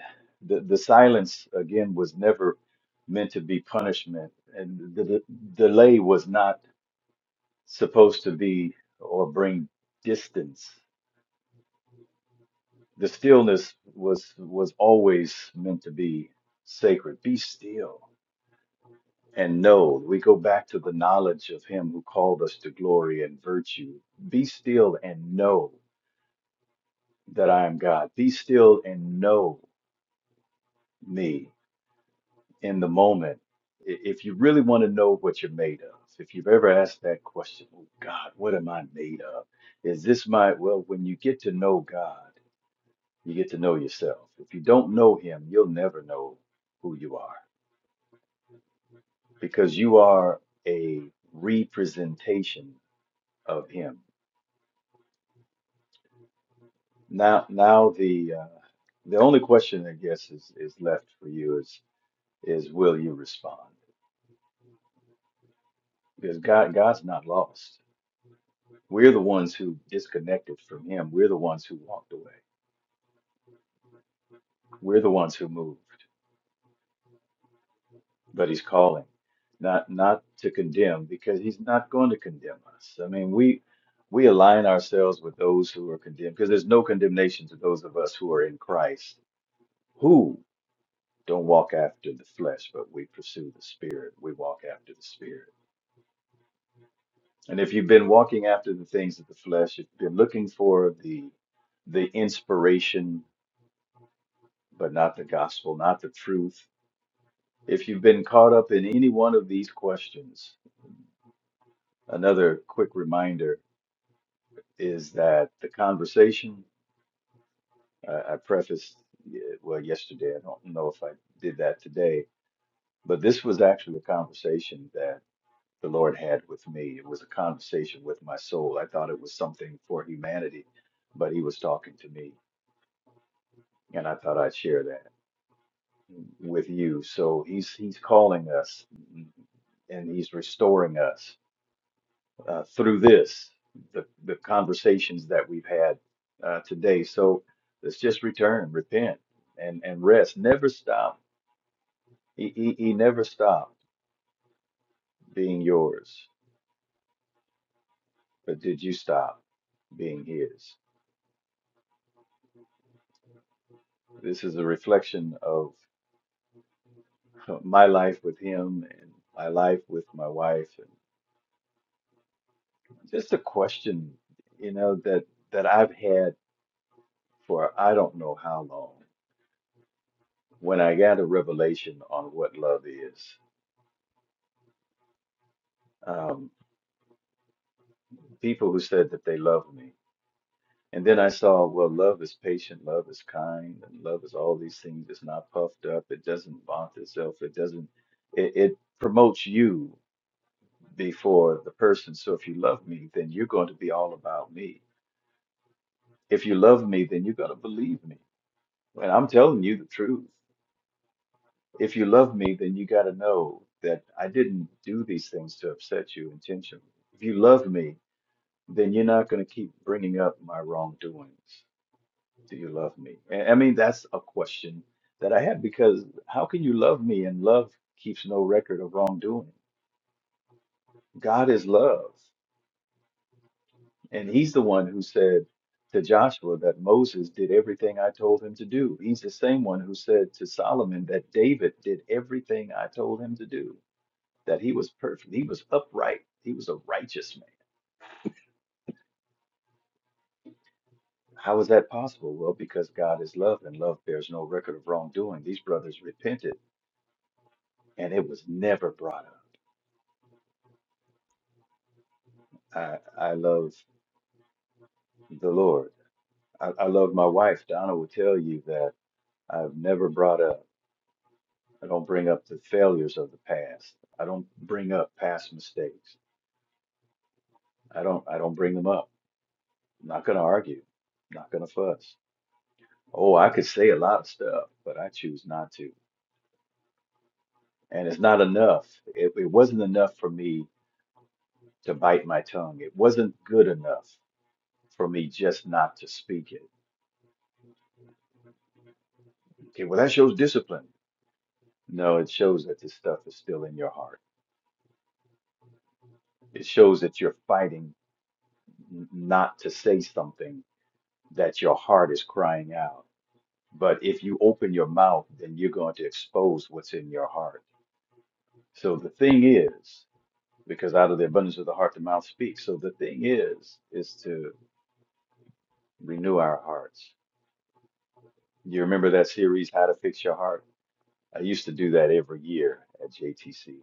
the, the silence, again, was never meant to be punishment. And the, the delay was not supposed to be or bring distance. The stillness was was always meant to be sacred. Be still and know. We go back to the knowledge of him who called us to glory and virtue. Be still and know that I am God. Be still and know me in the moment, i- if you really want to know what you're made of, if you've ever asked that question, oh God, what am I made of? Is this my, well, when you get to know God, you get to know yourself. If you don't know Him, you'll never know who you are because you are a representation of Him. Now, now the uh, the only question I guess is is left for you is is will you respond? Because God God's not lost. We're the ones who disconnected from him. We're the ones who walked away. We're the ones who moved. But he's calling, not not to condemn, because he's not going to condemn us. I mean, we we align ourselves with those who are condemned, because there's no condemnation to those of us who are in Christ, who don't walk after the flesh, but we pursue the spirit. We walk after the spirit. And if you've been walking after the things of the flesh, if you've been looking for the the inspiration, but not the gospel, not the truth, If you've been caught up in any one of these questions, another quick reminder is that the conversation I, I prefaced, uh, well, yesterday, I don't know if I did that today, but this was actually a conversation that the Lord had with me. It was a conversation with my soul. I thought it was something for humanity, but He was talking to me, and I thought I'd share that with you. So He's He's calling us and He's restoring us uh, through this, the, the conversations that we've had uh, today. So let's just return, repent, and, and rest. Never stop. He, he, he never stopped being yours, but did you stop being his? This is a reflection of my life with him and my life with my wife, and just a question, you know, that that I've had for I don't know how long. When I got a revelation on what love is, Um, people who said that they love me. And then I saw, well, love is patient, love is kind, and love is all these things. It's not puffed up. It doesn't vaunt itself. It doesn't. It, it promotes you before the person. So if you love me, then you're going to be all about me. If you love me, then you're going to believe me. And I'm telling you the truth. If you love me, then you got to know that I didn't do these things to upset you intentionally. If you love me, then you're not going to keep bringing up my wrongdoings. Do you love me? And I mean, that's a question that I have because how can you love me and love keeps no record of wrongdoing? God is love. And he's the one who said to Joshua that Moses did everything I told him to do. He's the same one who said to Solomon that David did everything I told him to do, that he was perfect, he was upright, he was a righteous man. How is that possible? Well, because God is love and love bears no record of wrongdoing. These brothers repented and it was never brought up. I I love the Lord. I, I love my wife. Donna will tell you that I've never brought up. I don't bring up the failures of the past. I don't bring up past mistakes. I don't I don't bring them up. I'm not gonna argue. I'm not gonna fuss. Oh, I could say a lot of stuff, but I choose not to. And it's not enough. It, it wasn't enough for me to bite my tongue. It wasn't good enough for me just not to speak it. Okay, well that shows discipline. No, it shows that this stuff is still in your heart It shows that you're fighting n- not to say something that your heart is crying out. But if you open your mouth, then you're going to expose what's in your heart. So the thing is, because out of the abundance of the heart, the mouth speaks. So the thing is, is to renew our hearts. You remember that series, How to Fix Your Heart? I used to do that every year at JTC.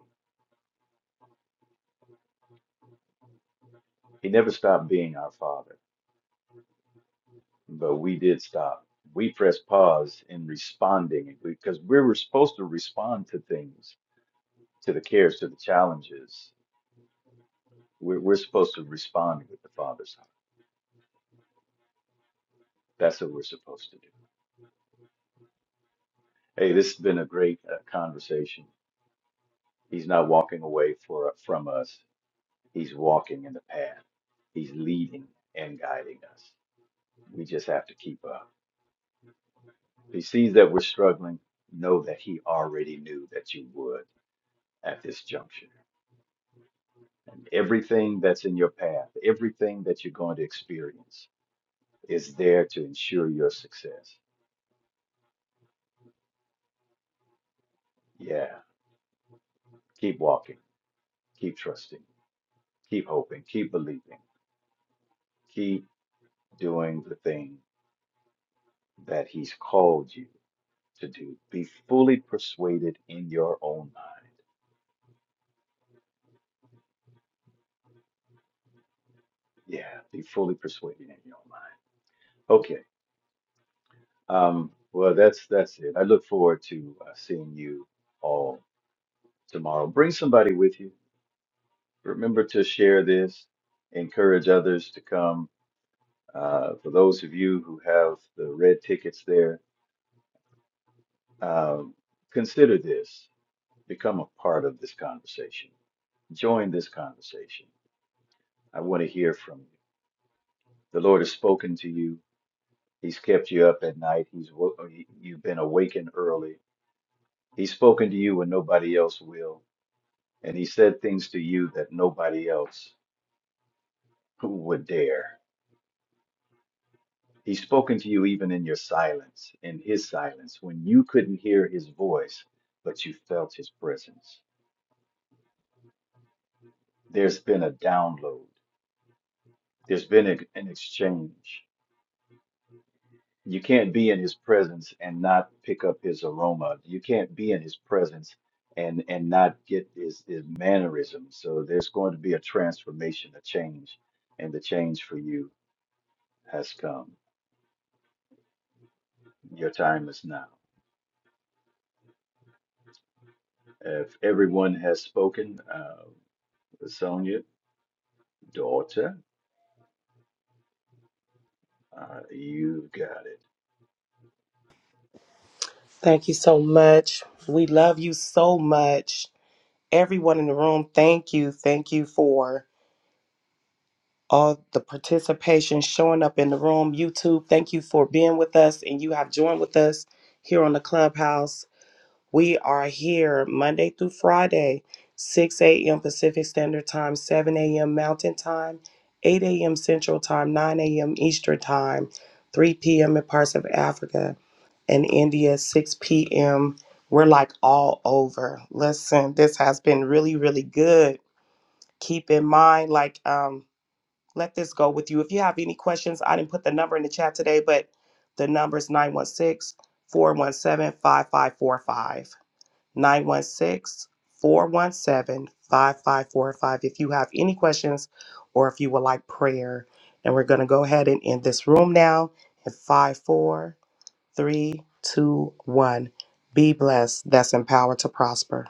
He never stopped being our father. but we did stop. We pressed pause in responding because we were supposed to respond to things, to the cares, to the challenges. We're, we're supposed to respond with the Father's heart. That's what we're supposed to do. Hey, this has been a great uh, conversation. He's not walking away for, from us. He's walking in the path. He's leading and guiding us. We just have to keep up. He sees that we're struggling. Know that he already knew that you would at this juncture. And everything that's in your path, everything that you're going to experience is there to ensure your success. Yeah. Keep walking, keep trusting, keep hoping, keep believing, keep doing the thing that He's called you to do. Be fully persuaded in your own mind. Yeah. Be fully persuaded in your own mind. Okay. Um, well, that's that's it. I look forward to uh, seeing you all tomorrow. Bring somebody with you remember to share this, encourage others to come. Uh, for those of you who have the red tickets there, um, consider this. Become a part of this conversation. Join this conversation. I want to hear from you. The Lord has spoken to you. He's kept you up at night. He's wo- you've been awakened early. He's spoken to you when nobody else will, and He said things to you that nobody else would dare. He's spoken to you even in your silence, in his silence, when you couldn't hear his voice, but you felt his presence. There's been a download, there's been a, an exchange. You can't be in his presence and not pick up his aroma. You can't be in his presence and and not get his, his mannerisms. So there's going to be a transformation, a change, and the change for you has come. Your time is now. If everyone has spoken, uh, Sonia. daughter. Uh, you got it.
Thank you so much. We love you so much. Everyone in the room, thank you. Thank you for all the participation showing up in the room. YouTube, thank you for being with us and you have joined with us here on the Clubhouse. We are here Monday through Friday, 6 a.m. Pacific Standard Time, 7 a.m. Mountain Time, 8 a.m. Central Time, 9 a.m. Eastern Time, 3 p.m. in parts of Africa and India, 6 p.m. We're like all over. Listen, this has been really, really good. Keep in mind, like, um, let this go with you. If you have any questions, I didn't put the number in the chat today, but the number is 916 417 5545. 916 417 5545. if you have any questions or if you would like prayer. And we're going to go ahead and end this room now in five four three two one. Be blessed. That's empowered to prosper.